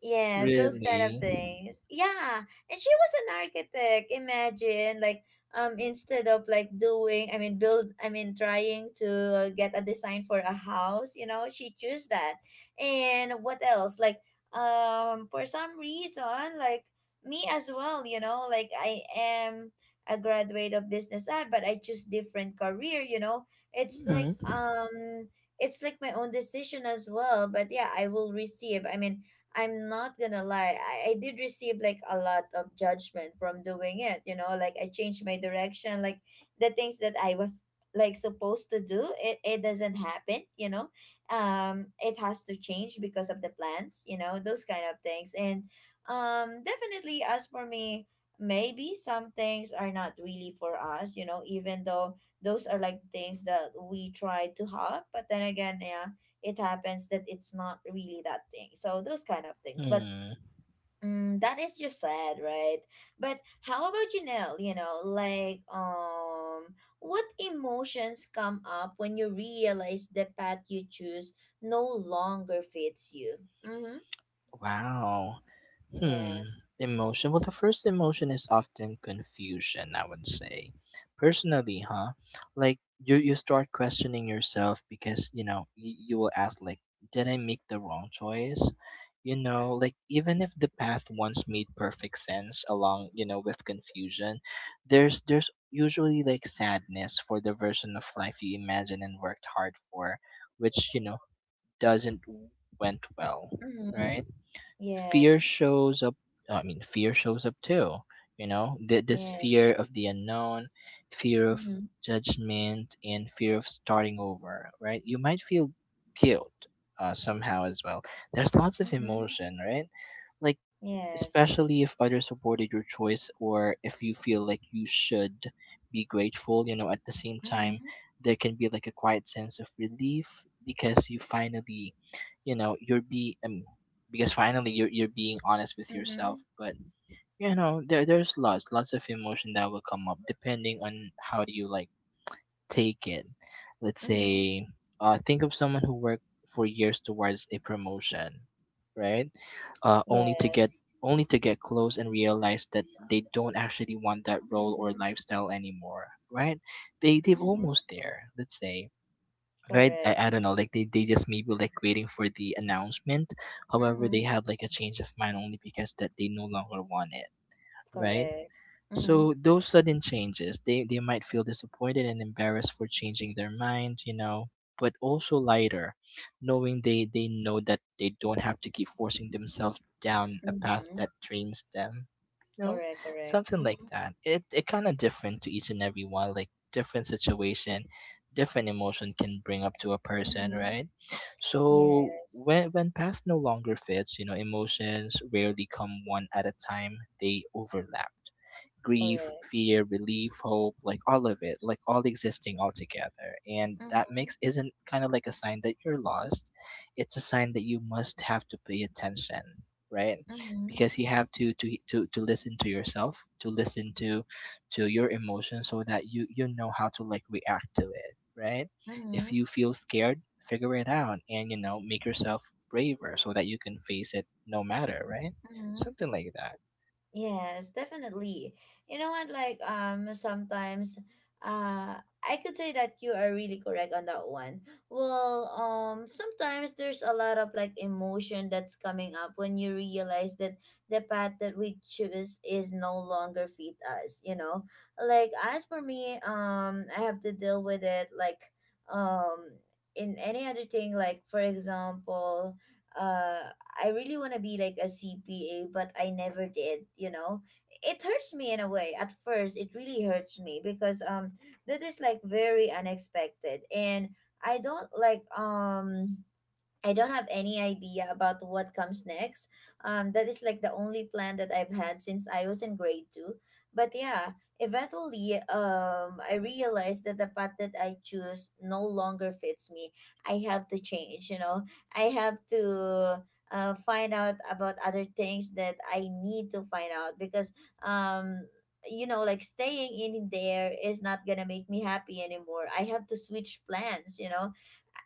[SPEAKER 2] Yes, those kind of
[SPEAKER 1] really.
[SPEAKER 2] things. Yeah. And she was an architect. Imagine, like, instead of like doing, I mean build, I mean trying to get a design for a house, you know, she chose that. And what else, like, for some reason, like me as well, you know, like I am a graduate of business ad, but I choose different career, you know. It's like,
[SPEAKER 1] Mhm.
[SPEAKER 2] it's like my own decision as well, but yeah, I will receive, I mean, I'm not gonna lie, I did receive like a lot of judgment from doing it, you know, like I changed my direction, like the things that I was like supposed to do, it doesn't happen, you know. It has to change because of the plans, you know, those kind of things. And definitely as for me, maybe some things are not really for us, you know, even though those are like things that we try to have. But then again, yeah, it happens that it's not really that thing. So those kind of things. But
[SPEAKER 1] Hmm.
[SPEAKER 2] that is just sad, right? But how about you, Nell? You know, like what emotions come up when you realize the path you choose no longer fits you? Mm-hmm.
[SPEAKER 1] Wow. Hmm.
[SPEAKER 2] Yes.
[SPEAKER 1] Emotion. Well, the first emotion is often confusion, I would say. Personally, huh? Like you start questioning yourself, because you know you will ask like, did I make the wrong choice? You know, like even if the path once made perfect sense, along, you know, with confusion, there's usually like sadness for the version of life you imagined and worked hard for, which, you know, doesn't went well,
[SPEAKER 2] Mm-hmm.
[SPEAKER 1] right? Fear
[SPEAKER 2] Yes.
[SPEAKER 1] shows up. I mean, fear shows up too, you know. This
[SPEAKER 2] Yes.
[SPEAKER 1] fear of the unknown, fear of
[SPEAKER 2] Mm-hmm.
[SPEAKER 1] judgment, and fear of starting over, right? You might feel guilt, somehow as well. There's lots of
[SPEAKER 2] Mm-hmm.
[SPEAKER 1] emotion, right? Like
[SPEAKER 2] Yes.
[SPEAKER 1] especially if others supported your choice, or if you feel like you should be grateful, you know. At the same
[SPEAKER 2] Mm-hmm.
[SPEAKER 1] time, there can be like a quiet sense of relief because you finally, you know, you're be because finally, you're being honest with
[SPEAKER 2] Mm-hmm.
[SPEAKER 1] yourself. But you know, there's lots of emotion that will come up depending on how do you like taken. Let's
[SPEAKER 2] Mm-hmm.
[SPEAKER 1] say, think of someone who worked for years towards a promotion, right? Uh, only to get
[SPEAKER 2] Yes.
[SPEAKER 1] only to get close and realize that they don't actually want that role or
[SPEAKER 2] Mm-hmm.
[SPEAKER 1] lifestyle anymore, right? They've
[SPEAKER 2] Mm-hmm.
[SPEAKER 1] almost there. Let's say. Right,
[SPEAKER 2] Correct.
[SPEAKER 1] I don't know. Like they just maybe like waiting for the announcement. However,
[SPEAKER 2] Mm-hmm.
[SPEAKER 1] they had like a change of mind only because that they no longer want it. Right,
[SPEAKER 2] Correct. Mm-hmm.
[SPEAKER 1] so those sudden changes, they might feel disappointed and embarrassed for changing their mind, you know, but also lighter, knowing they know that they don't have to keep forcing themselves down a path
[SPEAKER 2] Mm-hmm.
[SPEAKER 1] that drains them, you know,
[SPEAKER 2] Correct, correct.
[SPEAKER 1] something like
[SPEAKER 2] Mm-hmm.
[SPEAKER 1] that. It kind of different to each and every one, like different situation, different emotion can bring up to a person,
[SPEAKER 2] Mm-hmm.
[SPEAKER 1] right? So
[SPEAKER 2] Yes.
[SPEAKER 1] when past no longer fits, you know, emotions rarely come one at a time, they overlap grief,
[SPEAKER 2] Correct.
[SPEAKER 1] fear, relief, hope, like all of it, like all existing all together. And that
[SPEAKER 2] Mm-hmm.
[SPEAKER 1] mix isn't kind of like a sign that you're lost. It's a sign that you must have to pay attention, right?
[SPEAKER 2] Mm-hmm.
[SPEAKER 1] Because you have to to listen to yourself, to listen to your emotions so that you know how to like react to it, right? If
[SPEAKER 2] Mm-hmm.
[SPEAKER 1] you feel scared, figure it out and you know, make yourself braver so that you can face it no matter, right?
[SPEAKER 2] Mm-hmm.
[SPEAKER 1] Something like that.
[SPEAKER 2] Yes, definitely. You know what? Like, sometimes, uh, I could say that you are really correct on that one. Well, sometimes there's a lot of like emotion that's coming up when you realize that the path that we choose is no longer fit us. You know, like as for me, I have to deal with it like, um, in any other thing. Like for example, uh. I really want to be like a CPA, but I never did, you know. It hurts me in a way. At first, it really hurts me because that is like very unexpected, and I don't like, I don't have any idea about what comes next. That is like the only plan that I've had since I was in grade two. But yeah, eventually, I realized that the path that I choose no longer fits me. I have to change. You know, I have to find out about other things that I need to find out, because um. you know, like staying in there is not gonna make me happy anymore. I have to switch plans, you know.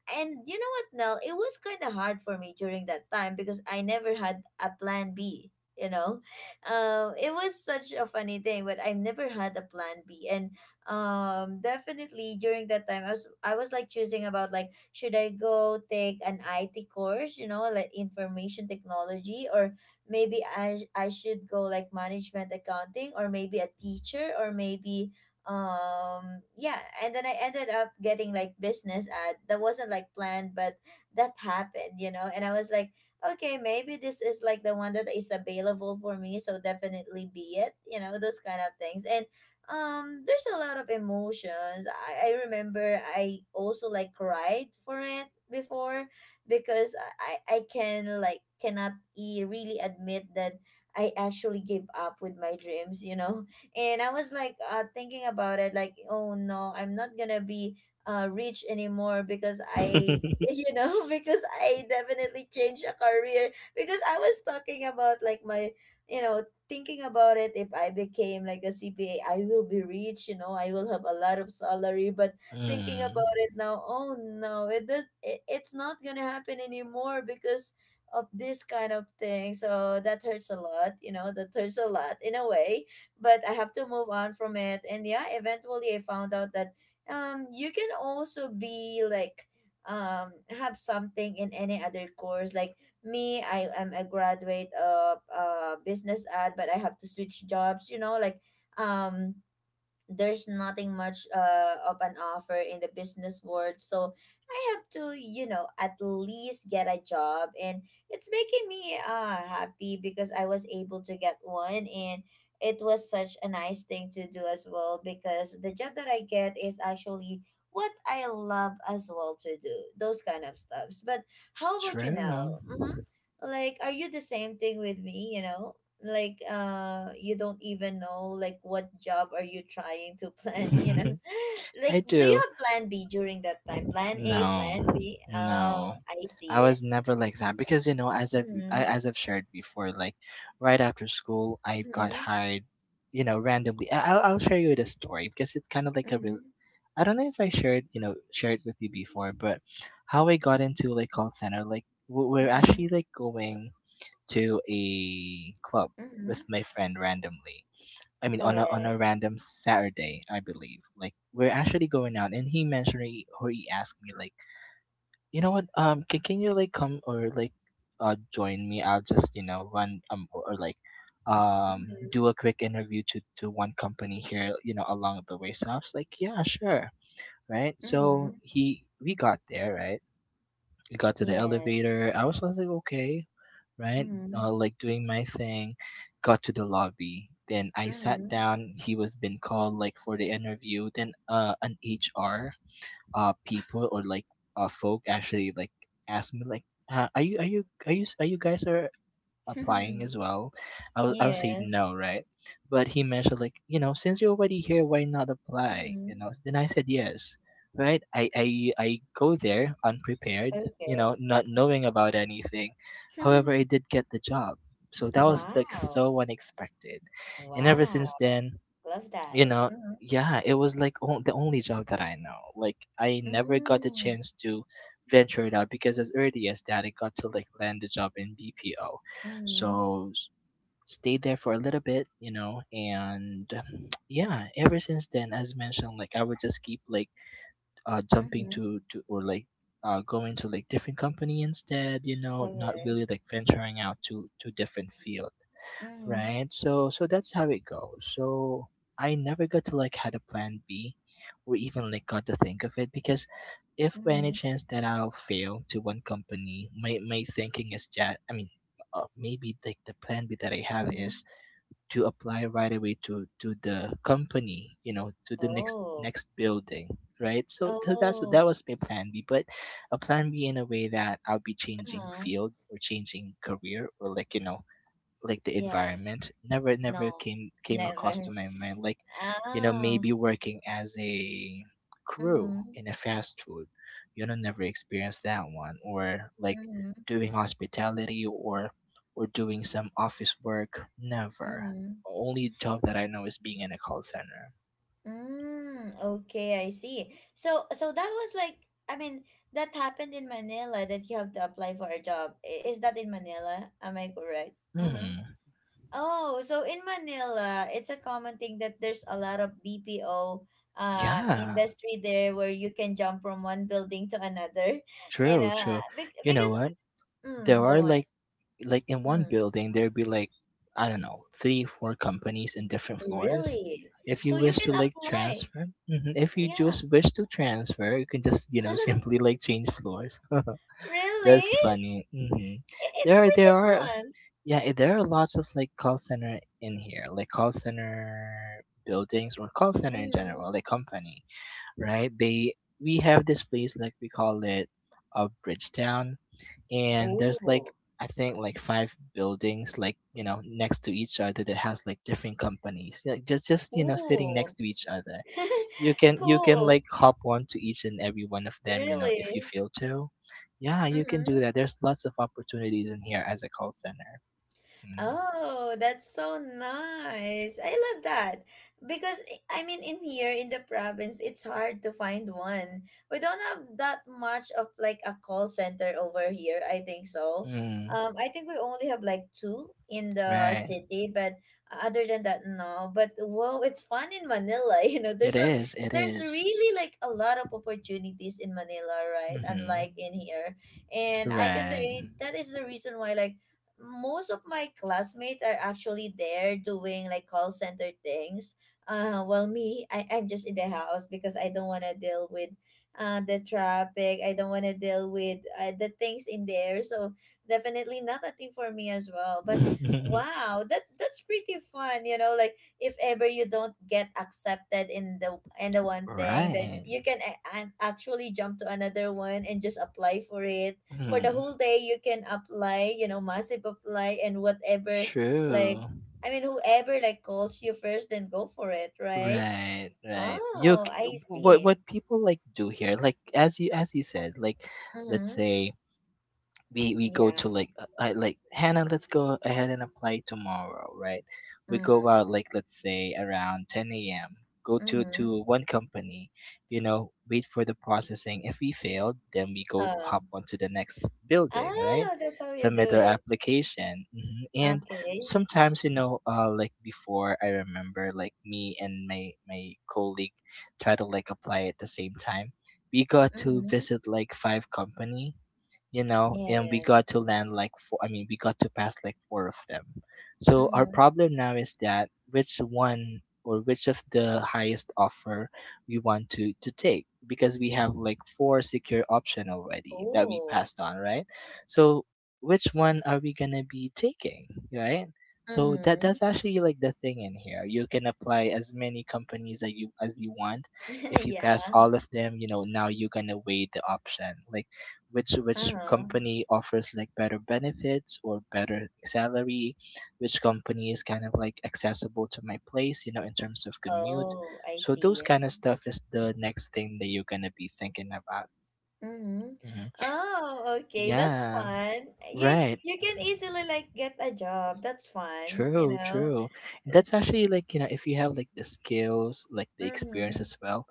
[SPEAKER 2] And you know what, Nell, it was kind of hard for me during that time, because I never had a plan B, you know. It was such a funny thing, but I've never had a plan B. And definitely during that time, I was like choosing about like should I go take an IT course, you know, like information technology, or maybe I should go like management accounting, or maybe a teacher, or maybe yeah. And then I ended up getting like business ad, that wasn't like planned, but that happened, you know. And I was like, okay, maybe this is like the one that is available for me, so definitely be it, you know, those kind of things. And there's a lot of emotions. I remember I also like cried for it before, because I can like cannot really admit that I actually gave up with my dreams, you know. And I was like, thinking about it like, oh no, I'm not gonna be rich anymore, because I you know, because I definitely changed a career, because I was talking about like my, you know, thinking about it, if I became like a CPA I will be rich, you know, I will have a lot of salary. But thinking
[SPEAKER 1] Mm,
[SPEAKER 2] about it now, oh no, it does it's not gonna happen anymore because of this kind of thing, so that hurts a lot, you know. That hurts a lot in a way, but I have to move on from it. And yeah, eventually I found out that you can also be like have something in any other course. Like me, I am a graduate of business ad, but I have to switch jobs, you know, like um there's nothing much of an offer in the business world, so I have to, you know, at least get a job. And it's making me happy because I was able to get one, and it was such a nice thing to do as well, because the job that I get is actually what I love as well to do, those kind of stuffs. But how about you
[SPEAKER 1] true.
[SPEAKER 2] now? Mm-hmm. Like are you the same thing with me, you know? Like you don't even know like what job are you trying to plan you know.
[SPEAKER 1] I
[SPEAKER 2] Like do you
[SPEAKER 1] do.
[SPEAKER 2] have plan B during that time, plan A,
[SPEAKER 1] No,
[SPEAKER 2] plan B? Oh,
[SPEAKER 1] no.
[SPEAKER 2] I
[SPEAKER 1] I
[SPEAKER 2] see.
[SPEAKER 1] was never like that because you know, as I've
[SPEAKER 2] Mm-hmm,
[SPEAKER 1] as I've shared before, like right after school, I got
[SPEAKER 2] mm-hmm,
[SPEAKER 1] hired. You know, randomly. I'll share you the story because it's kind of like a
[SPEAKER 2] mm-hmm,
[SPEAKER 1] real. I don't know if I shared shared with you before, but how I got into like call center. Like we're
[SPEAKER 2] mm-hmm,
[SPEAKER 1] actually like going to a club
[SPEAKER 2] mm-hmm.
[SPEAKER 1] with my friend randomly, I mean, on
[SPEAKER 2] Correct.
[SPEAKER 1] a random Saturday, I believe. Like we're actually going out, and he mentioned or he asked me like, you know what? Can you like come or like, join me? I'll just you know run or,
[SPEAKER 2] Mm-hmm,
[SPEAKER 1] do a quick interview to one company here, you know, along the way. So I was like, yeah, sure, right.
[SPEAKER 2] mm-hmm.
[SPEAKER 1] So he we got there, right. We got to the
[SPEAKER 2] Yes.
[SPEAKER 1] elevator. I was like, okay, right?
[SPEAKER 2] Mm-hmm,
[SPEAKER 1] Like doing my thing, got to the lobby. Then I sat
[SPEAKER 2] mm-hmm.
[SPEAKER 1] down. He was been called like for the interview. Then an HR people or like folk actually like asked me like, are you are you guys are applying as well, I would say
[SPEAKER 2] Yes.
[SPEAKER 1] no, right? But he mentioned like, you know, since you're already here, why not apply?
[SPEAKER 2] Mm-hmm.
[SPEAKER 1] You know, then I said yes, right? I go there unprepared, you
[SPEAKER 2] Okay.
[SPEAKER 1] know, not knowing about anything. However, I did get the job, so that was like
[SPEAKER 2] Wow.
[SPEAKER 1] so unexpected, and ever
[SPEAKER 2] Wow.
[SPEAKER 1] since then,
[SPEAKER 2] Love that.
[SPEAKER 1] you know,
[SPEAKER 2] Mm-hmm,
[SPEAKER 1] yeah, it was like the only job that I know. Like I never got the
[SPEAKER 2] mm-hmm,
[SPEAKER 1] chance to venture it out because as early as that I got to like land a job in BPO.
[SPEAKER 2] mm-hmm.
[SPEAKER 1] So stayed there for a little bit, you know. And yeah, ever since then as mentioned, like I would just keep like jumping
[SPEAKER 2] Mm-hmm.
[SPEAKER 1] to or like going to like different company instead, you know, not
[SPEAKER 2] Correct.
[SPEAKER 1] really like venturing out to different field,
[SPEAKER 2] Mhm.
[SPEAKER 1] right? So so that's how it goes. So I never got to like had a plan B or even like got to think of it because if by any
[SPEAKER 2] Mhm.
[SPEAKER 1] chance that I'll fail to one company, my thinking is that I mean maybe like the plan B that I have
[SPEAKER 2] Mhm.
[SPEAKER 1] is to apply right away to the company, you know, to the next
[SPEAKER 2] Oh.
[SPEAKER 1] next building, right? So that's
[SPEAKER 2] Oh.
[SPEAKER 1] that was my plan B, but a plan B in a way that I'll be changing
[SPEAKER 2] Uh-huh.
[SPEAKER 1] field or changing career or like you know like the
[SPEAKER 2] Yeah.
[SPEAKER 1] environment never
[SPEAKER 2] No.
[SPEAKER 1] came across
[SPEAKER 2] Never.
[SPEAKER 1] to my mind. Like you know
[SPEAKER 2] Oh.
[SPEAKER 1] maybe working as a crew
[SPEAKER 2] Mhm.
[SPEAKER 1] in a fast food, you know, never experienced that one, or like
[SPEAKER 2] Mhm.
[SPEAKER 1] doing hospitality or doing some office work, never.
[SPEAKER 2] Mhm.
[SPEAKER 1] Only job that I know is being in a call center.
[SPEAKER 2] Mm. Okay, I see. So so that was like, I mean, that happened in Manila, that you have to apply for a job. Is that in Manila? Am I correct? Mhm.
[SPEAKER 1] Hmm.
[SPEAKER 2] Oh, so in Manila, it's a common thing that there's a lot of BPO
[SPEAKER 1] Yeah,
[SPEAKER 2] industry there, where you can jump from one building to another. You
[SPEAKER 1] true,
[SPEAKER 2] know,
[SPEAKER 1] true. You know
[SPEAKER 2] because
[SPEAKER 1] what, there are
[SPEAKER 2] go on.
[SPEAKER 1] like in one
[SPEAKER 2] Mm,
[SPEAKER 1] building there'd be like I don't know three four companies in different floors.
[SPEAKER 2] really?
[SPEAKER 1] If
[SPEAKER 2] So
[SPEAKER 1] you
[SPEAKER 2] you
[SPEAKER 1] wish
[SPEAKER 2] can
[SPEAKER 1] to like
[SPEAKER 2] apply.
[SPEAKER 1] transfer, mhm, if you
[SPEAKER 2] Yeah.
[SPEAKER 1] just wish to transfer, you can just you know simply like change floors.
[SPEAKER 2] Really?
[SPEAKER 1] That's funny. Hmm.
[SPEAKER 2] It's
[SPEAKER 1] There are there
[SPEAKER 2] pretty
[SPEAKER 1] are
[SPEAKER 2] fun.
[SPEAKER 1] yeah, there are lots of like call center in here, like call center buildings or call center in
[SPEAKER 2] Mm.
[SPEAKER 1] general, like company, right. They we have this place like we call it a Bridgetown, and there's like
[SPEAKER 2] Ooh.
[SPEAKER 1] I think like 5 buildings, like you know next to each other that has like different companies, like just you know sitting next
[SPEAKER 2] Ooh.
[SPEAKER 1] to each other. You can you can
[SPEAKER 2] Cool.
[SPEAKER 1] like hop on to each and every one of them, you know, if you
[SPEAKER 2] Really?
[SPEAKER 1] feel to. Yeah, you can
[SPEAKER 2] Mm-hmm.
[SPEAKER 1] do that. There's lots of opportunities in here as a call center. Mm.
[SPEAKER 2] Oh, that's so nice. I love that. Because I mean in here in the province it's hard to find one. We don't have that much of like a call center over here, I think so.
[SPEAKER 1] Mm,
[SPEAKER 2] I think we only have like two in the
[SPEAKER 1] right.
[SPEAKER 2] city, but other than that, no. But whoa, it's fun in Manila, you know.
[SPEAKER 1] it is it
[SPEAKER 2] There's
[SPEAKER 1] is
[SPEAKER 2] really like a lot of opportunities in Manila, right?
[SPEAKER 1] Mm-hmm.
[SPEAKER 2] Unlike in here. And I can say
[SPEAKER 1] Right.
[SPEAKER 2] that is the reason why, like, most of my classmates are actually there doing like call center things. Well, me, I'm just in the house because I don't want to deal with the traffic. I don't want to deal with the things in there. So definitely not a thing for me as well. But wow, that's pretty fun. You know, like if ever you don't get accepted in the one thing, then
[SPEAKER 1] Right.
[SPEAKER 2] you can actually jump to another one and just apply for it. For the
[SPEAKER 1] Mm.
[SPEAKER 2] whole day you can apply, you know, massive apply and whatever. Like,
[SPEAKER 1] True.
[SPEAKER 2] I mean, whoever like calls you first, then go for it, right?
[SPEAKER 1] Right, right. You
[SPEAKER 2] Oh, I see.
[SPEAKER 1] what people like do here, like as you said, like let's
[SPEAKER 2] Mm-hmm.
[SPEAKER 1] say we go
[SPEAKER 2] Yeah.
[SPEAKER 1] to like I like Hannah, let's go ahead and apply tomorrow, right? We go
[SPEAKER 2] Mm.
[SPEAKER 1] out like let's say around 10 a.m. Go to
[SPEAKER 2] Mm-hmm.
[SPEAKER 1] one company, you know, wait for the processing. If we failed, then we go
[SPEAKER 2] uh,
[SPEAKER 1] hop onto the next building, right?
[SPEAKER 2] ah, that's how you
[SPEAKER 1] Submit
[SPEAKER 2] do
[SPEAKER 1] our
[SPEAKER 2] it.
[SPEAKER 1] application, hmm, and
[SPEAKER 2] Okay.
[SPEAKER 1] sometimes you know, like before, I remember like me and my colleague try to like apply at the same time. We got to
[SPEAKER 2] Mm-hmm.
[SPEAKER 1] visit like 5 company, you know, and we
[SPEAKER 2] Yes.
[SPEAKER 1] got to land like 4, I mean, we got to pass like 4 of them. So our
[SPEAKER 2] Mm-hmm.
[SPEAKER 1] problem now is that which one or which of the highest offer we want to take because we have like 4 secure option already that we
[SPEAKER 2] Oh.
[SPEAKER 1] passed on, right? So which one are we gonna be taking, right? So that
[SPEAKER 2] Mm-hmm.
[SPEAKER 1] that's actually like the thing in here. You can apply as many companies as you want. If you pass
[SPEAKER 2] Yeah.
[SPEAKER 1] all of them, you know, now you're gonna weigh the option. Like which
[SPEAKER 2] Uh-huh.
[SPEAKER 1] company offers like better benefits or better salary, which company is kind of like accessible to my place, you know, in terms of commute.
[SPEAKER 2] Oh, I
[SPEAKER 1] So those
[SPEAKER 2] see.
[SPEAKER 1] kind of stuff is the next thing that you're going to be thinking about.
[SPEAKER 2] Mm-hmm.
[SPEAKER 1] Mhm.
[SPEAKER 2] Oh, okay. That's
[SPEAKER 1] Yeah,
[SPEAKER 2] fun. You
[SPEAKER 1] right,
[SPEAKER 2] you can easily like get a job. That's fun, you
[SPEAKER 1] true,
[SPEAKER 2] know.
[SPEAKER 1] true. That's actually like you know if you have like the skills, like the experience
[SPEAKER 2] Mm-hmm.
[SPEAKER 1] as well,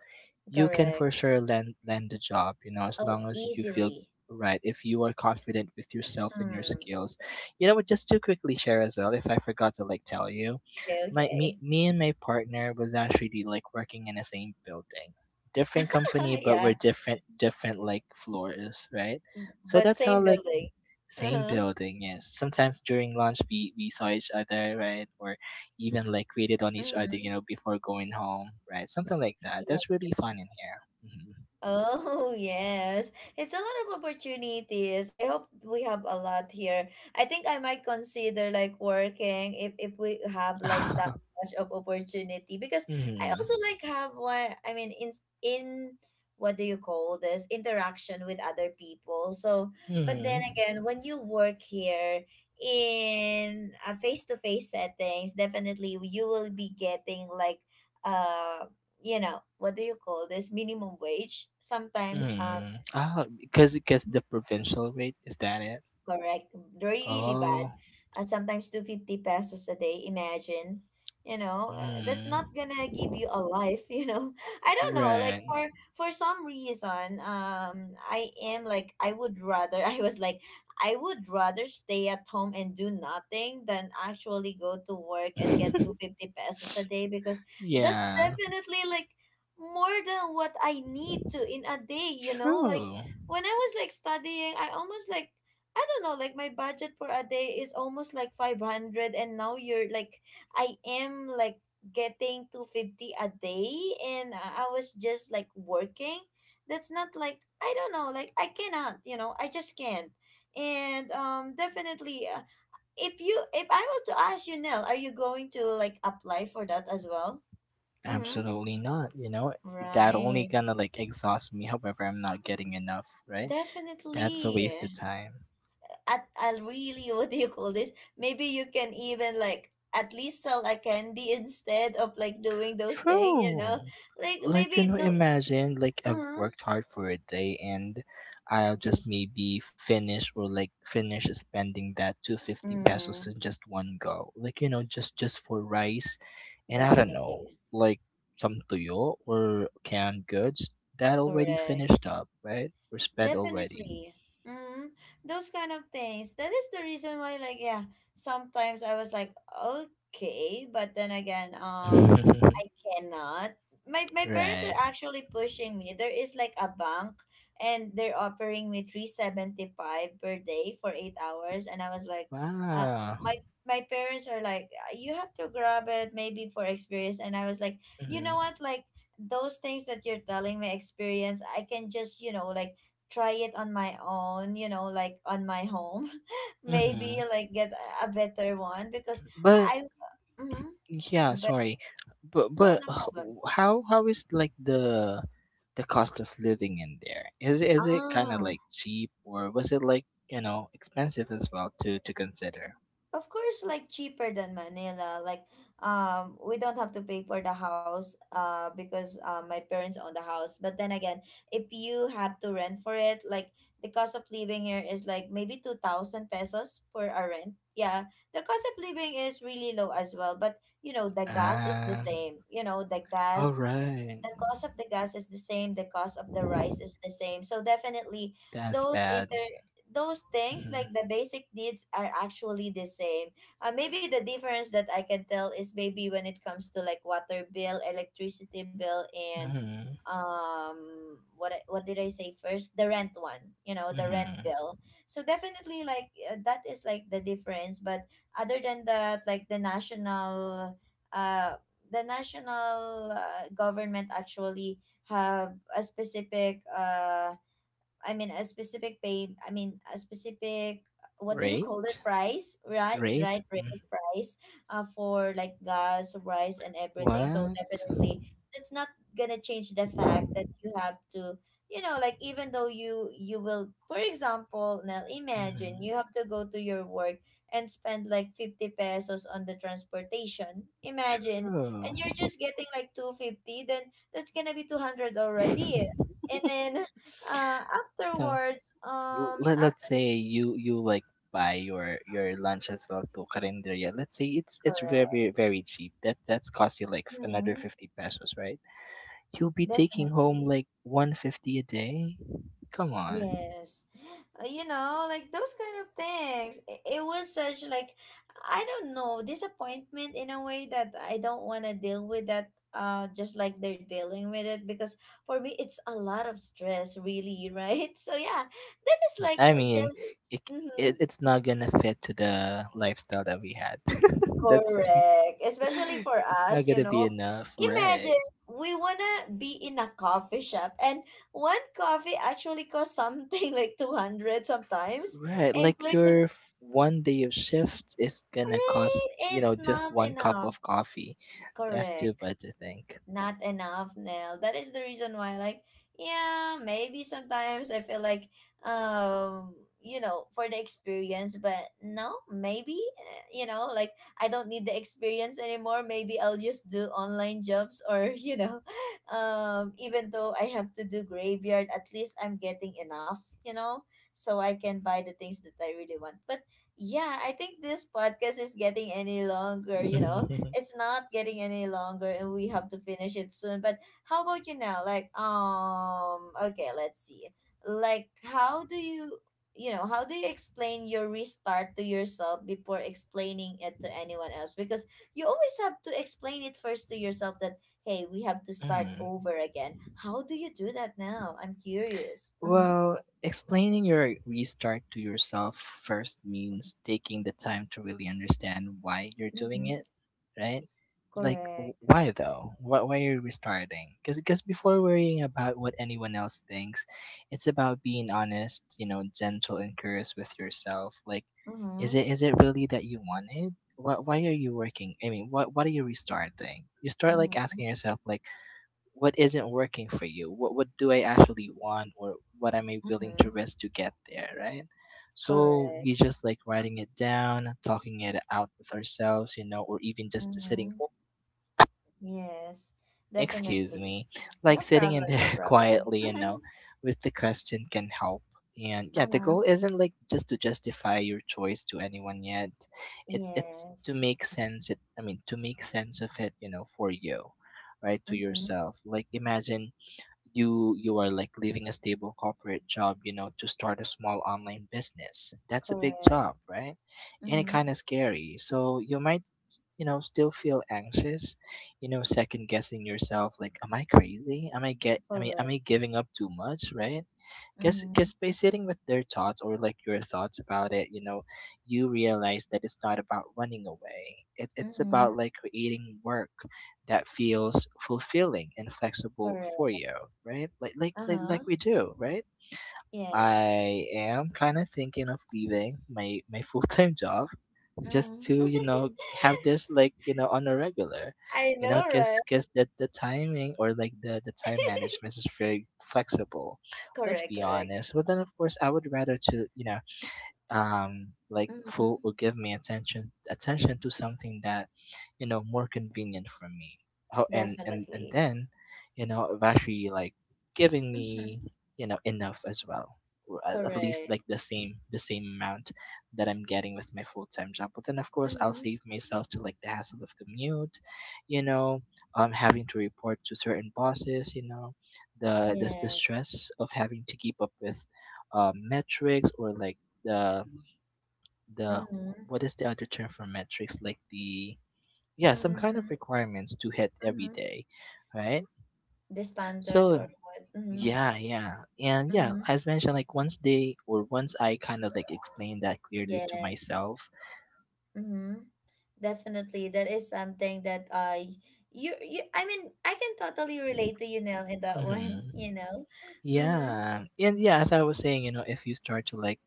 [SPEAKER 1] you can
[SPEAKER 2] Correct.
[SPEAKER 1] for sure land the job, you know, as
[SPEAKER 2] Oh,
[SPEAKER 1] long as you feel
[SPEAKER 2] easily.
[SPEAKER 1] right, if you are confident with yourself and your
[SPEAKER 2] Hmm.
[SPEAKER 1] skills. You know what, just to quickly share as well, if I forgot to like tell you,
[SPEAKER 2] Okay,
[SPEAKER 1] my me,
[SPEAKER 2] okay.
[SPEAKER 1] me and my partner was actually like working in the same building, different company, but we're
[SPEAKER 2] Yeah.
[SPEAKER 1] different like floors, right? So
[SPEAKER 2] But
[SPEAKER 1] that's how
[SPEAKER 2] same
[SPEAKER 1] like
[SPEAKER 2] building.
[SPEAKER 1] same
[SPEAKER 2] Uh-huh.
[SPEAKER 1] building, yes. Sometimes during lunch we saw each other, right? Or even like waited on each other, you
[SPEAKER 2] Mm-hmm.
[SPEAKER 1] know, before going home, right? Something like that. That's really fun in here. Mm-hmm.
[SPEAKER 2] Oh, yes. It's a lot of opportunities. I hope we have a lot here. I think I might consider like working if we have like that much of opportunity, because I also
[SPEAKER 1] Hmm.
[SPEAKER 2] like have, what I mean, in what do you call this, interaction with other people. So, but
[SPEAKER 1] Hmm.
[SPEAKER 2] then again, when you work here in a face-to-face settings, definitely you will be getting like uh you know what do you call this, minimum wage sometimes.
[SPEAKER 1] Hmm. Oh, because the provincial rate is that it?
[SPEAKER 2] Correct. Really
[SPEAKER 1] Oh,
[SPEAKER 2] bad. Sometimes 250 pesos a day, imagine. You know, that's not
[SPEAKER 1] mm,
[SPEAKER 2] gonna give you a life, you know. I don't know, like
[SPEAKER 1] right.
[SPEAKER 2] for some reason, I am like, I would rather, I was like, I would rather stay at home and do nothing than actually go to work and get 250 pesos a day, because that's
[SPEAKER 1] Yeah,
[SPEAKER 2] definitely like more than what I need to in a day, you know? Like
[SPEAKER 1] true.
[SPEAKER 2] when I was like studying, I almost like, I don't know, like my budget for a day is almost like 500, and now you're like, I am like getting 250 a day, and I was just like working. That's not, like, I don't know, like I cannot, you know, I just can't. And definitely, if you if I were to ask you, Nell, are you going to like apply for that as well? Mhm.
[SPEAKER 1] Absolutely not. You know, that only
[SPEAKER 2] Right.
[SPEAKER 1] gonna like exhaust me. However, I'm not getting enough, right? That's a waste of
[SPEAKER 2] Definitely.
[SPEAKER 1] time.
[SPEAKER 2] At, I really what do you call this, maybe you can even like at least sell a candy instead of like doing those things, you know,
[SPEAKER 1] True.
[SPEAKER 2] like
[SPEAKER 1] Like,
[SPEAKER 2] maybe
[SPEAKER 1] you know,
[SPEAKER 2] do.
[SPEAKER 1] imagine like I've
[SPEAKER 2] uh,
[SPEAKER 1] worked hard for a day and I'll just
[SPEAKER 2] just.
[SPEAKER 1] maybe finish or like finish spending that 250 pesos
[SPEAKER 2] mm,
[SPEAKER 1] in just one go. Like, you know, just for rice and I don't know,
[SPEAKER 2] Definitely.
[SPEAKER 1] like some tuyo or canned goods that already
[SPEAKER 2] Correct.
[SPEAKER 1] finished up, right? Or spent already.
[SPEAKER 2] Definitely. Hmm. Those kind of things. That is the reason why, like, yeah, sometimes I was like, okay, but then again, I cannot. My parents are
[SPEAKER 1] Right.
[SPEAKER 2] actually pushing me. There is like a bank, and they're offering me 375 per day for 8 hours, and I was like, uh,
[SPEAKER 1] Wow.
[SPEAKER 2] my my parents are like, You have to grab it maybe for experience," and I was like, you know
[SPEAKER 1] Mhm.
[SPEAKER 2] what, like those things that you're telling me, experience, I can just, you know, like try it on my own, you know, like on my home. Maybe
[SPEAKER 1] Mhm.
[SPEAKER 2] like get a better one because
[SPEAKER 1] But
[SPEAKER 2] I, mm-hmm,
[SPEAKER 1] yeah,
[SPEAKER 2] but
[SPEAKER 1] sorry.
[SPEAKER 2] no,
[SPEAKER 1] But
[SPEAKER 2] no problem.
[SPEAKER 1] how is like the cost of living in there? Is it kind of
[SPEAKER 2] Ah,
[SPEAKER 1] like cheap or was it like, you know, expensive as well to consider?
[SPEAKER 2] of course, like, cheaper than Manila. Like, we don't have to pay for the house, because my parents own the house, but then again, if you have to rent for it, like, the cost of living here is like maybe 2000 pesos for a rent, yeah. The cost of living is really low as well, but you know, the gas is the
[SPEAKER 1] Ah,
[SPEAKER 2] same, you know,
[SPEAKER 1] all right.
[SPEAKER 2] the cost of the gas is the same, the cost of the rice is the same, so definitely
[SPEAKER 1] That's
[SPEAKER 2] those
[SPEAKER 1] bad.
[SPEAKER 2] inter those things
[SPEAKER 1] Mhm.
[SPEAKER 2] like the basic needs are actually the same. Maybe the difference that I can tell is maybe when it comes to like water bill, electricity bill, and
[SPEAKER 1] Mhm.
[SPEAKER 2] um what what did I say first, the rent one, you know, the rent
[SPEAKER 1] Mhm.
[SPEAKER 2] bill. So definitely like, that is like the difference. But other than that, like, the national uh government actually have a specific I mean a specific pay, I mean a specific, what do you call it,
[SPEAKER 1] Rate?
[SPEAKER 2] price, right,
[SPEAKER 1] Rate?
[SPEAKER 2] right,
[SPEAKER 1] Mm.
[SPEAKER 2] rate, price. For like gas, rice, and everything, so
[SPEAKER 1] What?
[SPEAKER 2] definitely, that's not gonna change the fact that you have to, you know, like even though you will, for example, now imagine
[SPEAKER 1] Mhm.
[SPEAKER 2] you have to go to your work and spend like 50 pesos on the transportation, imagine, and
[SPEAKER 1] True.
[SPEAKER 2] you're just getting like 250, then that's gonna be 200 already, and then
[SPEAKER 1] so
[SPEAKER 2] afterwards,
[SPEAKER 1] l- let, let's
[SPEAKER 2] after.
[SPEAKER 1] say you like buy your lunch as well to carinderia. Let's say it's it's very
[SPEAKER 2] Correct.
[SPEAKER 1] very cheap, that that's cost you like f- another
[SPEAKER 2] Hmm.
[SPEAKER 1] 50 pesos, right? You'll be taking home
[SPEAKER 2] Definitely.
[SPEAKER 1] like 150 a day, come on.
[SPEAKER 2] Yes. You know, like those kind of things. It was such like, I don't know, disappointment in a way that I don't want to deal with that. Just like they're dealing with it because for me it's a lot of stress, really, right? So yeah, that is like
[SPEAKER 1] i mean
[SPEAKER 2] just.
[SPEAKER 1] it, it
[SPEAKER 2] Mhm.
[SPEAKER 1] it's not gonna fit to the lifestyle that we had, let's say.
[SPEAKER 2] Correct. Especially for
[SPEAKER 1] It's not
[SPEAKER 2] us, you
[SPEAKER 1] gonna be
[SPEAKER 2] know.
[SPEAKER 1] enough, right?
[SPEAKER 2] Imagine we wanna be in a coffee shop, and one coffee actually costs something like 200 sometimes,
[SPEAKER 1] Right,
[SPEAKER 2] and
[SPEAKER 1] like
[SPEAKER 2] we're gonna,
[SPEAKER 1] your f- one day of shift is gonna cost,
[SPEAKER 2] right?
[SPEAKER 1] you
[SPEAKER 2] It's
[SPEAKER 1] know, just
[SPEAKER 2] not
[SPEAKER 1] one cup
[SPEAKER 2] enough.
[SPEAKER 1] of coffee. That's too
[SPEAKER 2] Correct.
[SPEAKER 1] bad to think.
[SPEAKER 2] Not enough, Nell. That is the reason why, like, yeah, maybe sometimes I feel like, um, you know, for the experience, but no, maybe, you know, like, I don't need the experience anymore. Maybe I'll just do online jobs, or you know, even though I have to do graveyard, at least I'm getting enough, you know, so I can buy the things that I really want. But yeah, I think this podcast is getting any longer, you know. It's not getting any longer and we have to finish it soon. But how about you now? Like, okay, let's see. Like, how do you, you know, how do you explain your restart to yourself before explaining it to anyone else? Because you always have to explain it first to yourself that, hey, we have to start
[SPEAKER 1] Mm.
[SPEAKER 2] over again. How do you do that now? I'm curious. Mm-hmm.
[SPEAKER 1] Well, explaining your restart to yourself first means taking the time to really understand why you're doing
[SPEAKER 2] Mm-hmm.
[SPEAKER 1] it, right? Like,
[SPEAKER 2] Correct.
[SPEAKER 1] w- why though? Why are you restarting? Because before worrying about what anyone else thinks, it's about being honest, you know, gentle and curious with yourself. Like, is
[SPEAKER 2] Mm-hmm.
[SPEAKER 1] it is it really that you wanted? Why are you working? I mean, what are you restarting? You start like
[SPEAKER 2] Mm-hmm.
[SPEAKER 1] asking yourself, like, what isn't working for you? What do I actually want? Or what am I willing
[SPEAKER 2] Mm-hmm.
[SPEAKER 1] to risk to get there, right? So
[SPEAKER 2] Correct.
[SPEAKER 1] we just like writing it down, talking it out with ourselves, you know, or even just sitting.
[SPEAKER 2] Mm-hmm. Yes,
[SPEAKER 1] Excuse
[SPEAKER 2] definitely.
[SPEAKER 1] me. Like
[SPEAKER 2] No
[SPEAKER 1] sitting in
[SPEAKER 2] problem, no
[SPEAKER 1] there,
[SPEAKER 2] problem.
[SPEAKER 1] quietly, you know, with the question can help. And yeah, the goal
[SPEAKER 2] Uh-huh.
[SPEAKER 1] isn't like just to justify your choice to anyone yet. It's to
[SPEAKER 2] Yes.
[SPEAKER 1] make sense it I mean to make sense of it, you know, for you, right? To
[SPEAKER 2] Mm-hmm.
[SPEAKER 1] yourself. Like, imagine you are like leaving a stable corporate job, you know, to start a small online business. That's a big
[SPEAKER 2] Correct.
[SPEAKER 1] job, right? And it
[SPEAKER 2] Mm-hmm.
[SPEAKER 1] kind of scary, so you might, you know, still feel anxious, you know, second guessing yourself, like, am I crazy? Am I get I mean Am
[SPEAKER 2] Correct.
[SPEAKER 1] I giving up too much, right? because
[SPEAKER 2] Mm-hmm.
[SPEAKER 1] because by sitting with their thoughts, or like your thoughts about it, you know, you realize that it's not about running away. It's about
[SPEAKER 2] Mm-hmm.
[SPEAKER 1] like creating work that feels fulfilling and flexible
[SPEAKER 2] Correct.
[SPEAKER 1] for you, right? Like like like,
[SPEAKER 2] Uh-huh.
[SPEAKER 1] like we do, right?
[SPEAKER 2] Yes.
[SPEAKER 1] I am kind of thinking of leaving my full-time job, just
[SPEAKER 2] Mm.
[SPEAKER 1] to, you know, have this like, you know, on a regular,
[SPEAKER 2] I
[SPEAKER 1] you know,
[SPEAKER 2] know, right?
[SPEAKER 1] because the timing, or like the time management is very flexible, let's
[SPEAKER 2] Correct,
[SPEAKER 1] be
[SPEAKER 2] correct.
[SPEAKER 1] honest. But then, of course, I would rather to, you know, um, like full
[SPEAKER 2] Mm-hmm.
[SPEAKER 1] or give me attention to something that, you know, more convenient for me. Ho- and
[SPEAKER 2] Definitely.
[SPEAKER 1] then, you know, of actually like giving
[SPEAKER 2] Mm-hmm.
[SPEAKER 1] me, you know, enough as well, or at least like
[SPEAKER 2] Correct.
[SPEAKER 1] the same amount that I'm getting with my full-time job. But then of course, I'll
[SPEAKER 2] Mm-hmm.
[SPEAKER 1] save myself to like the hassle of commute, you know, um, having to report to certain bosses, you know, the the
[SPEAKER 2] Yes.
[SPEAKER 1] stress of having to keep up with, metrics, or like the the,
[SPEAKER 2] Mm-hmm.
[SPEAKER 1] what is the other term for metrics? Like the, yeah, some kind of
[SPEAKER 2] Mm-hmm.
[SPEAKER 1] requirements to hit every
[SPEAKER 2] Mm-hmm.
[SPEAKER 1] day, right?
[SPEAKER 2] The standard
[SPEAKER 1] So
[SPEAKER 2] or what? Mm-hmm.
[SPEAKER 1] yeah, yeah, and yeah,
[SPEAKER 2] Mm-hmm.
[SPEAKER 1] as mentioned, like once they, or once I kind of like explained that clearly to
[SPEAKER 2] Yes.
[SPEAKER 1] myself.
[SPEAKER 2] Mm-hmm. Definitely, that is something that I, you I mean I can totally relate to you, Nell, in that one,
[SPEAKER 1] Hmm.
[SPEAKER 2] you know. Mm-hmm.
[SPEAKER 1] Yeah, and yeah, as I was saying, you know, if you start to like,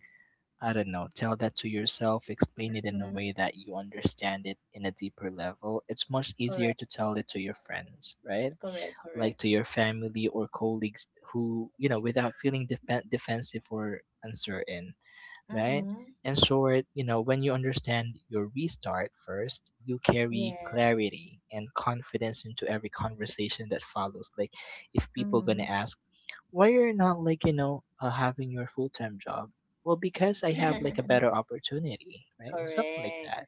[SPEAKER 1] I don't know, tell that to yourself, explain it in a way
[SPEAKER 2] Mm-hmm.
[SPEAKER 1] that you understand it in a deeper level. It's much easier
[SPEAKER 2] Correct,
[SPEAKER 1] to tell it to your friends, right?
[SPEAKER 2] correct,
[SPEAKER 1] Like
[SPEAKER 2] correct.
[SPEAKER 1] to your family or colleagues who, you know, without feeling defen defensive or uncertain, right?
[SPEAKER 2] Mm-hmm.
[SPEAKER 1] In short, you know, when you understand your restart first, you carry
[SPEAKER 2] Yes.
[SPEAKER 1] clarity and confidence into every conversation that follows. Like, if people gonna
[SPEAKER 2] Mm-hmm.
[SPEAKER 1] ask why you're not like, you know, having your full-time job, well, because I have like a better opportunity, right? Something like
[SPEAKER 2] Correct.
[SPEAKER 1] that.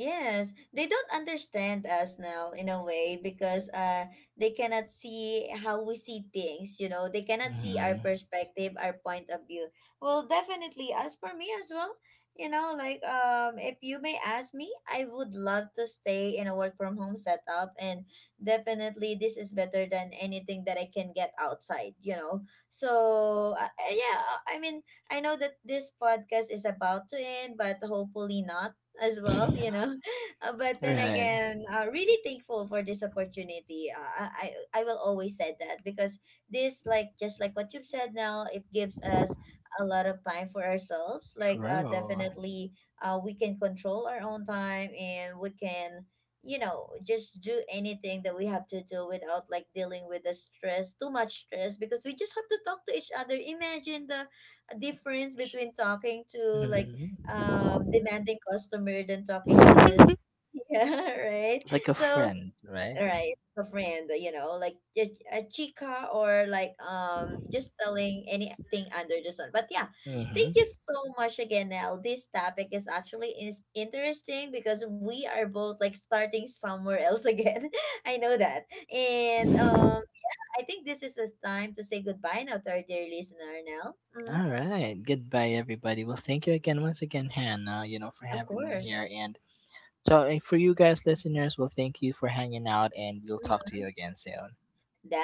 [SPEAKER 2] Yes, they don't understand us now in a way because they cannot see how we see things, you know. They cannot see our
[SPEAKER 1] Hmm.
[SPEAKER 2] perspective, our point of view. Well, definitely as for me as well, you know, like if you may ask me, I would love to stay in a work from home setup, and definitely this is better than anything that I can get outside, you know. So, yeah, I mean, I know that this podcast is about to end, but hopefully not, as well, you know. But then
[SPEAKER 1] Right.
[SPEAKER 2] again, really thankful for this opportunity. I will always say that because this, like just like what you've said now, it gives us a lot of time for ourselves. Like,
[SPEAKER 1] True.
[SPEAKER 2] definitely, we can control our own time, and we can, you know, just do anything that we have to do without like dealing with the stress too much stress, because we just have to talk to each other. Imagine the difference between talking to, like,
[SPEAKER 1] Hmm.
[SPEAKER 2] demanding customer than talking to just, yeah, right,
[SPEAKER 1] Like a
[SPEAKER 2] so
[SPEAKER 1] friend, right?
[SPEAKER 2] right, a friend, you know, like a chica, or like, just telling anything under the sun. But yeah, thank
[SPEAKER 1] Mm-hmm.
[SPEAKER 2] you so much again, Nell. This topic is actually is interesting because we are both like starting somewhere else again. I know that. And I think this is the time to say goodbye now to our dear listener, Nell. Hmm.
[SPEAKER 1] All right. Goodbye, everybody. Well, thank you again, once again, Hannah, you know, for
[SPEAKER 2] Of
[SPEAKER 1] having me
[SPEAKER 2] course.
[SPEAKER 1] here. And so, for you guys, listeners, well, thank you for hanging out, and we'll talk to you again soon.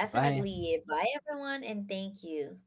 [SPEAKER 1] Goodbye.
[SPEAKER 2] Bye, everyone, and thank you.